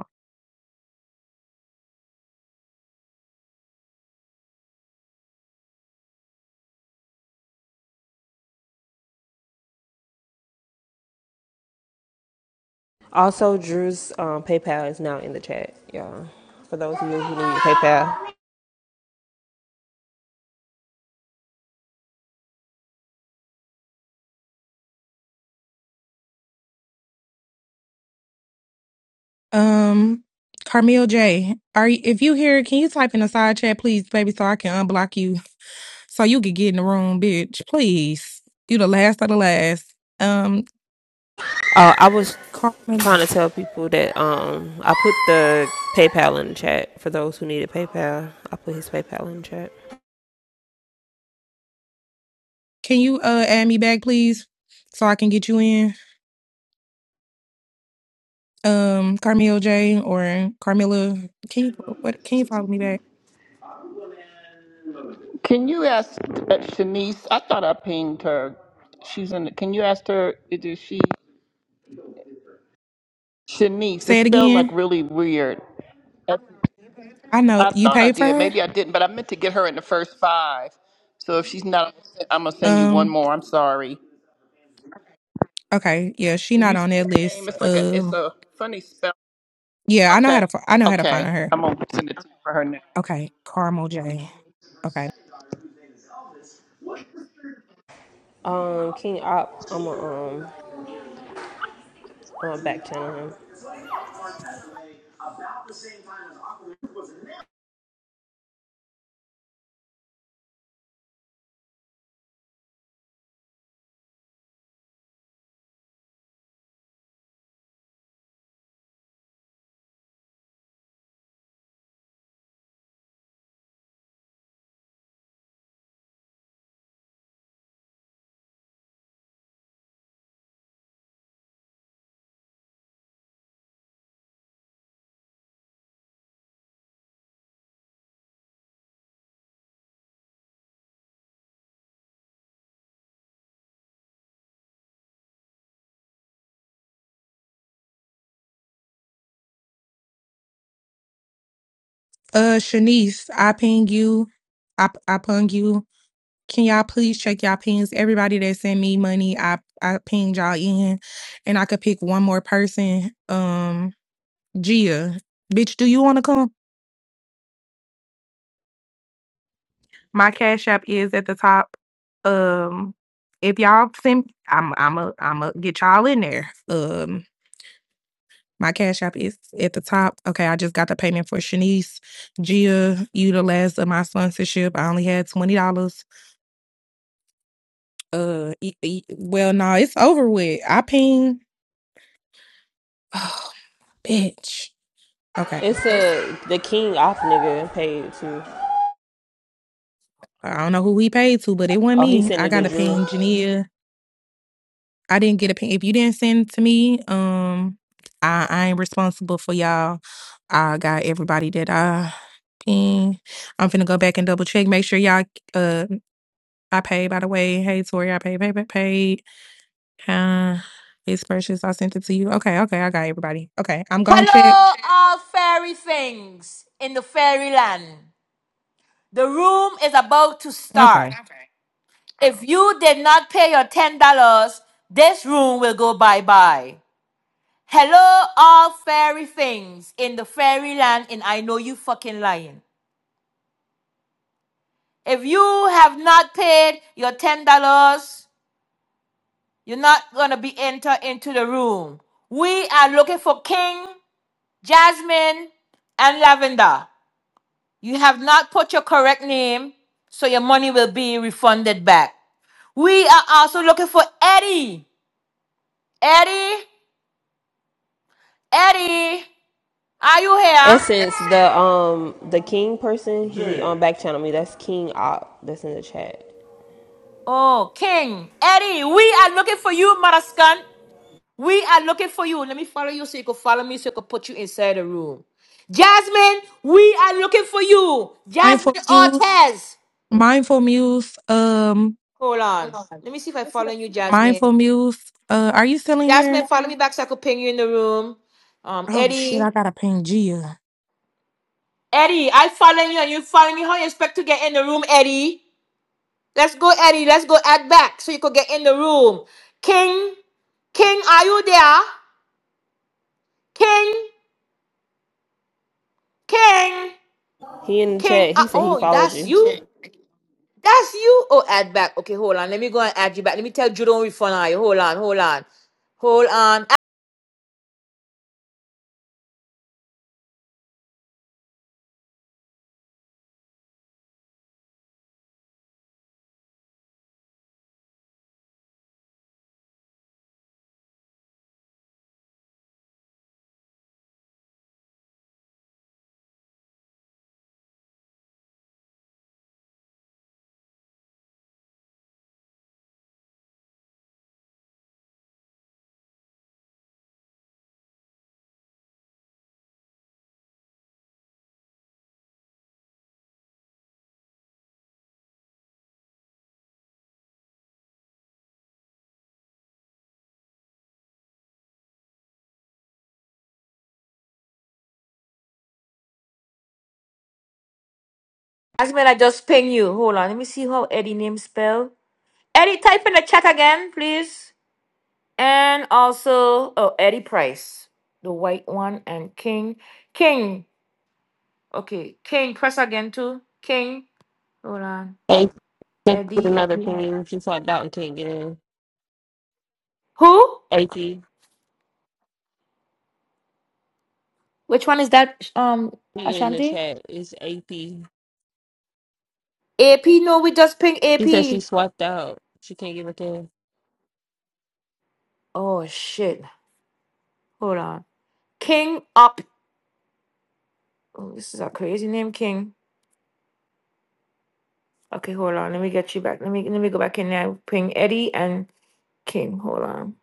S2: Also, Drew's um, PayPal is now in the chat, y'all. For those of you who usually need PayPal,
S13: Um, Carmel J, are you, if you here, can you type in the side chat, please, baby, so I can unblock you, so you can get in the room, bitch. Please, you the last of the last. Um,
S2: uh, I was
S13: Carmen,
S2: trying to tell people that um, I put the PayPal in the chat for those who needed PayPal. I put his PayPal in the chat.
S13: can you uh add me back, please, so I can get you in? Um, Carmel J or Carmilla, can you what? Can you follow me back?
S19: Can you ask uh, Shanice? I thought I pinged her. She's in. Can you ask her? Is she Shanice?
S13: Say
S19: It's
S13: it
S19: spelled like
S13: again.
S19: really weird. I
S13: I know
S19: I
S13: you
S19: thought I
S13: paid for
S19: did.
S13: her.
S19: Maybe I didn't, but I meant to get her in the first five. So if she's not, I'm gonna send you one
S13: Um,
S19: more. I'm sorry.
S13: okay, yeah, she not
S19: You see
S13: on that
S19: her name?
S13: list.
S19: It's like a. It's
S13: Um,
S19: a funny spell.
S13: yeah, I know how
S19: Okay.
S13: to. fi- I know how to find
S19: Okay.
S13: her.
S19: I'm gonna send it to you for her now.
S13: Okay, Carmel J. Okay.
S2: Um, King Op, I'm gonna um, I'm going back channeling him.
S13: Uh, Shanice, I ping you. I I ping you. Can y'all please check y'all pings? Everybody that send me money, I I pinged y'all in, and I could pick one more person. Um, Gia, bitch, do you want to come? My cash app is at the top. Um, if y'all send, I'm I'm a I'm a get y'all in there. Um. My Cash App is at the top. Okay, I just got the payment for Shanice, Gia, you of my sponsorship. I only had twenty dollars. Uh, e- e- well, no, it's over with. I ping. *sighs* Oh, bitch. Okay,
S2: It's
S13: It's
S2: a the King off nigga paid too.
S13: I don't know who he paid to, but it wasn't
S2: Oh, he
S13: me.
S2: sent
S13: I
S2: it
S13: got
S2: to
S13: a
S2: Drew.
S13: ping, Jania. I didn't get a ping. If you didn't send it to me, um, I I ain't responsible for y'all. I got everybody that I ping. I'm finna go back and double check. Make sure y'all uh I paid, by the way. Hey, Tori, I paid, paid, paid, paid. Uh, it's purchased. I sent it to you. Okay, okay, I got everybody. Okay, I'm gonna check.
S1: Hello, all fairy things in the fairyland. The room is about to start.
S13: Okay,
S1: If you did not pay your $10, this room will go bye bye. Hello, all fairy things in the fairyland, and I know you fucking lying. If you have not paid your $10, you're not gonna be entered into the room. We are looking for King, Jasmine, and Lavender. You have not put your correct name, so your money will be refunded back. We are also looking for Eddie. Eddie, Eddie. Are you here?
S2: Essence, the um the King person, he on back channel me. That's King Op. That's in the chat.
S1: Oh, King. Eddie, we are looking for you, Maraskan. We are looking for you. Let me follow you so you can follow me so I can put you inside the room. Jasmine, we are looking for you.
S13: mindful
S1: Jasmine
S13: muse,
S1: Ortez.
S13: mindful muse. Um,
S1: Hold on. Let me see if I follow you,
S13: mindful
S1: Jasmine.
S13: muse. Uh, are you still in here?
S1: Jasmine, follow me back so I could ping you in the room. Um,
S13: Oh shit,
S1: Eddie.
S13: I gotta ping Gia.
S1: Eddie, I follow you and you follow me. How you expect to get in the room, Eddie? Let's go, Eddie. Let's go add back so you could get in the room. King, King, are you there? King, King,
S2: He in the
S1: King.
S2: chat.
S1: Uh,
S2: He said he
S1: oh,
S2: followed
S1: that's
S2: you.
S1: you. King. That's you. Oh, add back. Okay, hold on. Let me go and add you back. Let me tell you don't refund I. Hold on, hold on, hold on. As man, I just ping you. Hold on. Let me see how Eddie name spell. Eddie, type in the chat again, please. And also, oh, Eddie Price, the white one, and King, King. Okay, King. Press again too. King. Hold on.
S2: Hey, with
S1: Eddie,
S2: another
S1: Eddie.
S2: ping. She swapped out and can't get in.
S1: Who?
S2: AP, he
S1: Which one is that? Um,
S2: in the
S1: Ashanti.
S2: chat. It's AP. She
S1: AP, no, we just ping
S2: said she
S1: AP.
S2: swapped out. She can't get back in.
S1: Oh shit. Hold on. King up. Oh, this is a crazy name, King. Okay, hold on. Let me get you back. Let me let me go back in there. Ping Eddie and King. Hold on.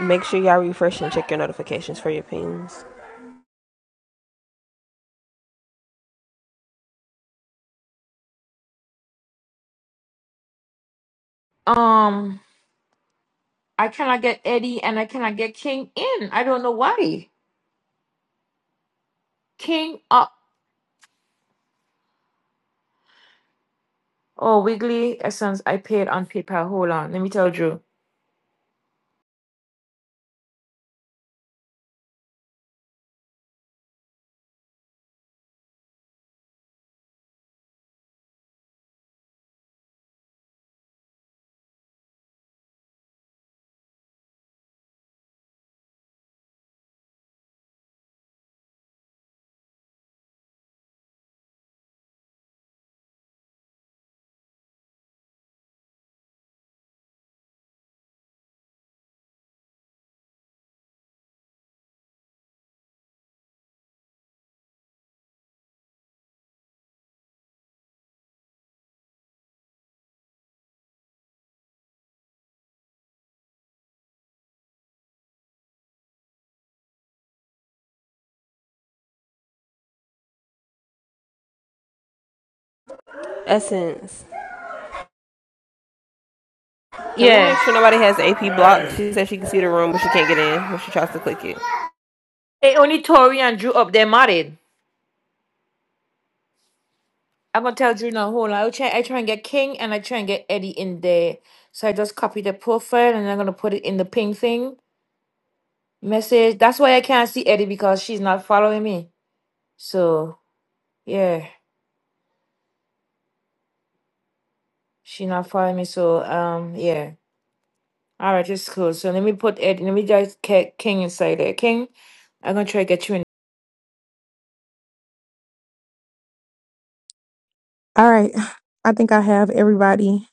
S2: Make sure y'all refresh and check your notifications for your pings.
S1: Um, I cannot get Eddie and I cannot get King in. I don't know why. King up. Oh, Wiggly Essence. I paid on PayPal. Hold on. Let me tell Drew.
S2: Essence. Can we make
S1: Yeah.
S2: sure nobody has AP blocked? She said she can see the room, but she can't get in when she tries to click it.
S1: Hey, only Tori and Drew up. They're married. I'm gonna tell Juno hold on. I try I try and get King and I try and get Eddie in there. So I just copy the profile and I'm gonna put it in the ping thing message. That's why I can't see Eddie because she's not following me. So yeah, she not following me. So um yeah. All right, it's cool. So let me put Eddie. Let me just get King inside there. King, I'm gonna try to get you in.
S13: All right, I think I have everybody.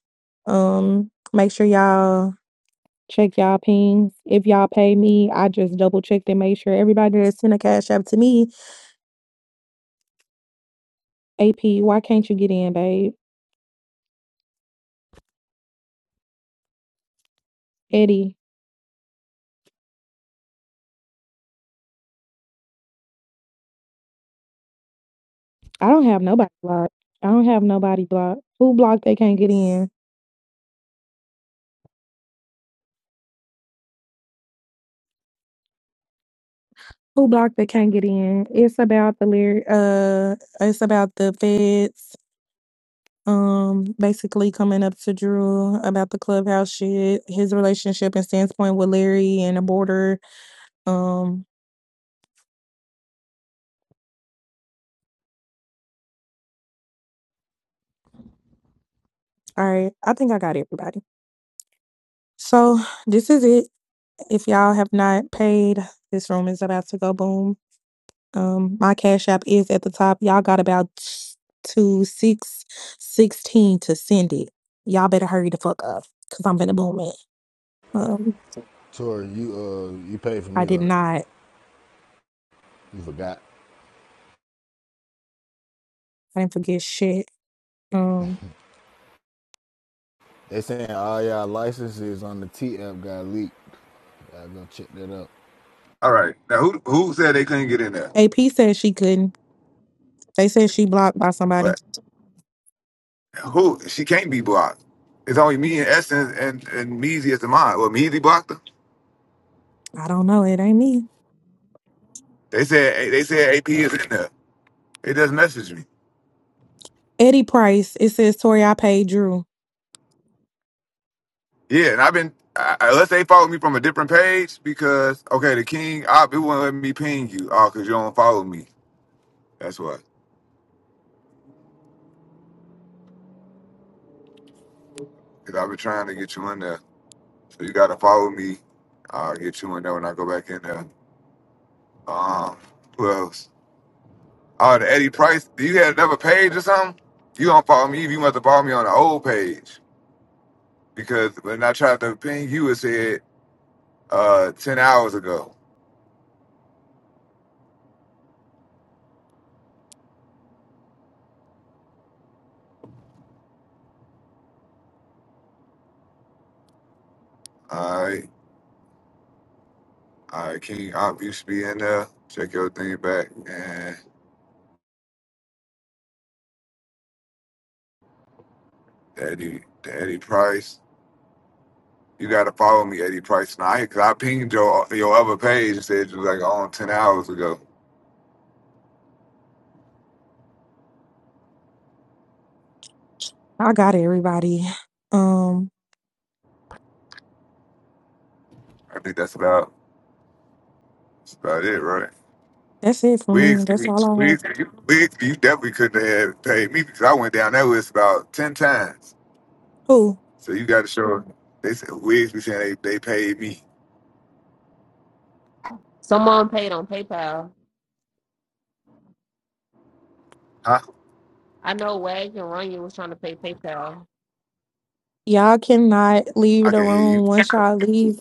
S13: Um, make sure y'all check y'all pings. If y'all pay me, I just double check and make sure everybody that sent a cash app to me AP, why can't you get in, babe? Eddie, I don't have nobody blocked. I don't have nobody blocked. Who blocked they can't get in? Who blocked they can't get in? It's about the lyric uh it's about the feds um basically coming up to Drew about the clubhouse shit, his relationship and standpoint with Larry and the border. Um all right, I think I got everybody. So this is it. If y'all have not paid, this room is about to go boom. Um, my cash app is at the top. Y'all got about t- two six sixteen to send it. Y'all better hurry the fuck up, cause I'm gonna boom it. Um,
S17: Tori, you uh, you paid for
S13: I
S17: me,
S13: did
S17: right?
S13: not.
S17: You forgot.
S13: I didn't forget shit. Um,
S17: They saying all y'all licenses on the TF got leaked. I go check that out.
S5: All right. Now, who who said they couldn't get in there?
S13: AP said she couldn't. They said she blocked by somebody.
S5: But who? She can't be blocked. It's only me and Essence and and Measy as the mod. Well, Measy blocked her.
S13: I don't know. It ain't me.
S5: They said they said AP is in there. It just messaged me.
S13: Eddie Price. It says Tori. I paid Drew.
S5: Yeah, and I've been I, I- unless they follow me from a different page because okay, the King, I it won't let me ping you. Oh, cause you don't follow me. That's why. Cause I've been trying to get you in there. So you gotta follow me. I'll get you in there when I go back in there. Um, who else? Oh, the Eddie Price. Do you have another page or something? You don't follow me. You must have followed me on the old page because when I tried to ping you, it said uh, ten hours ago. All right, all right, King Op, you should be in there. Check your thing back and the Eddie, the Eddie Price. You gotta follow me, Eddie Price. Now, because I pinged your your other page and said you was like on ten hours ago.
S13: I got everybody. Um,
S5: I think that's about that's about it, right?
S13: that's it for me.
S5: Wigs,
S13: That's all
S5: Wigs,
S13: I have.
S5: Wigs, you definitely couldn't have paid me because I went down that list about 10 times.
S13: Who
S5: So you got to show, they said, Wigs be saying they, they paid me.
S2: Someone paid on PayPal.
S5: Huh?
S2: I know Wags and Runya was trying to pay PayPal.
S13: y'all cannot leave
S5: I
S13: the
S5: can hear you.
S13: room once y'all leave.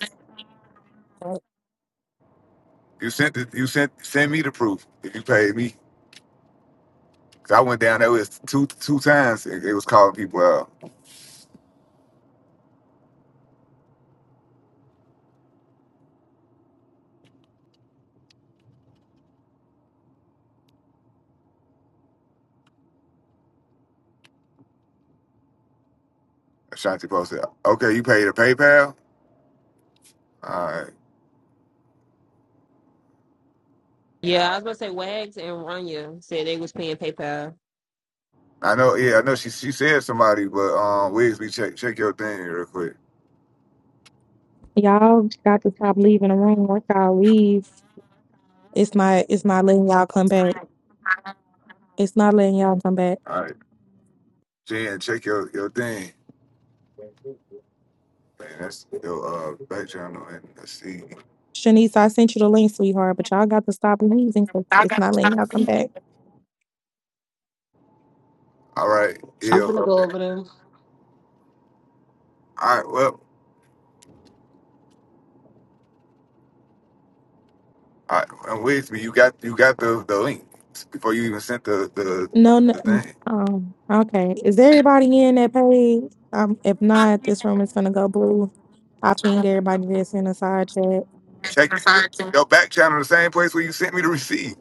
S5: You sent it, you sent, send me the proof if you paid me. Because I went down that list two two times and it was calling people out. Ashanti Post said, okay, you paid a PayPal? All right.
S2: Yeah, I was gonna say Wags and Runya said they was paying PayPal.
S5: I know, yeah, I know she she said somebody, but um, Wigs, be check, check your thing real quick.
S13: Y'all got to stop leaving the room. Once y'all leave, it's not it's not letting y'all come back. It's not letting y'all come back.
S5: All right. Jen, check your, your thing. Man, that's your uh, back channel and let's see.
S13: Shanice, I sent you the link, sweetheart, but y'all got to stop leaving 'cause it's not letting y'all come back.
S5: All right, yeah.
S8: gonna
S5: Okay.
S8: go over there.
S5: All right, well, all right, and with me, you got you got the the link before you even sent the the,
S13: No, no,
S5: the
S13: n-
S5: thing.
S13: um, okay. Is everybody in that page? Um, if not, this room is gonna go blue. I pinged everybody that's in the side chat.
S5: Check your back channel, the same place where you sent me the receipt.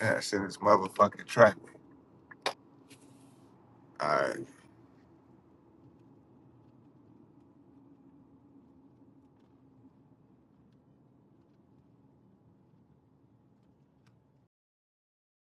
S5: Yeah, *laughs* shit this motherfucking track. All right.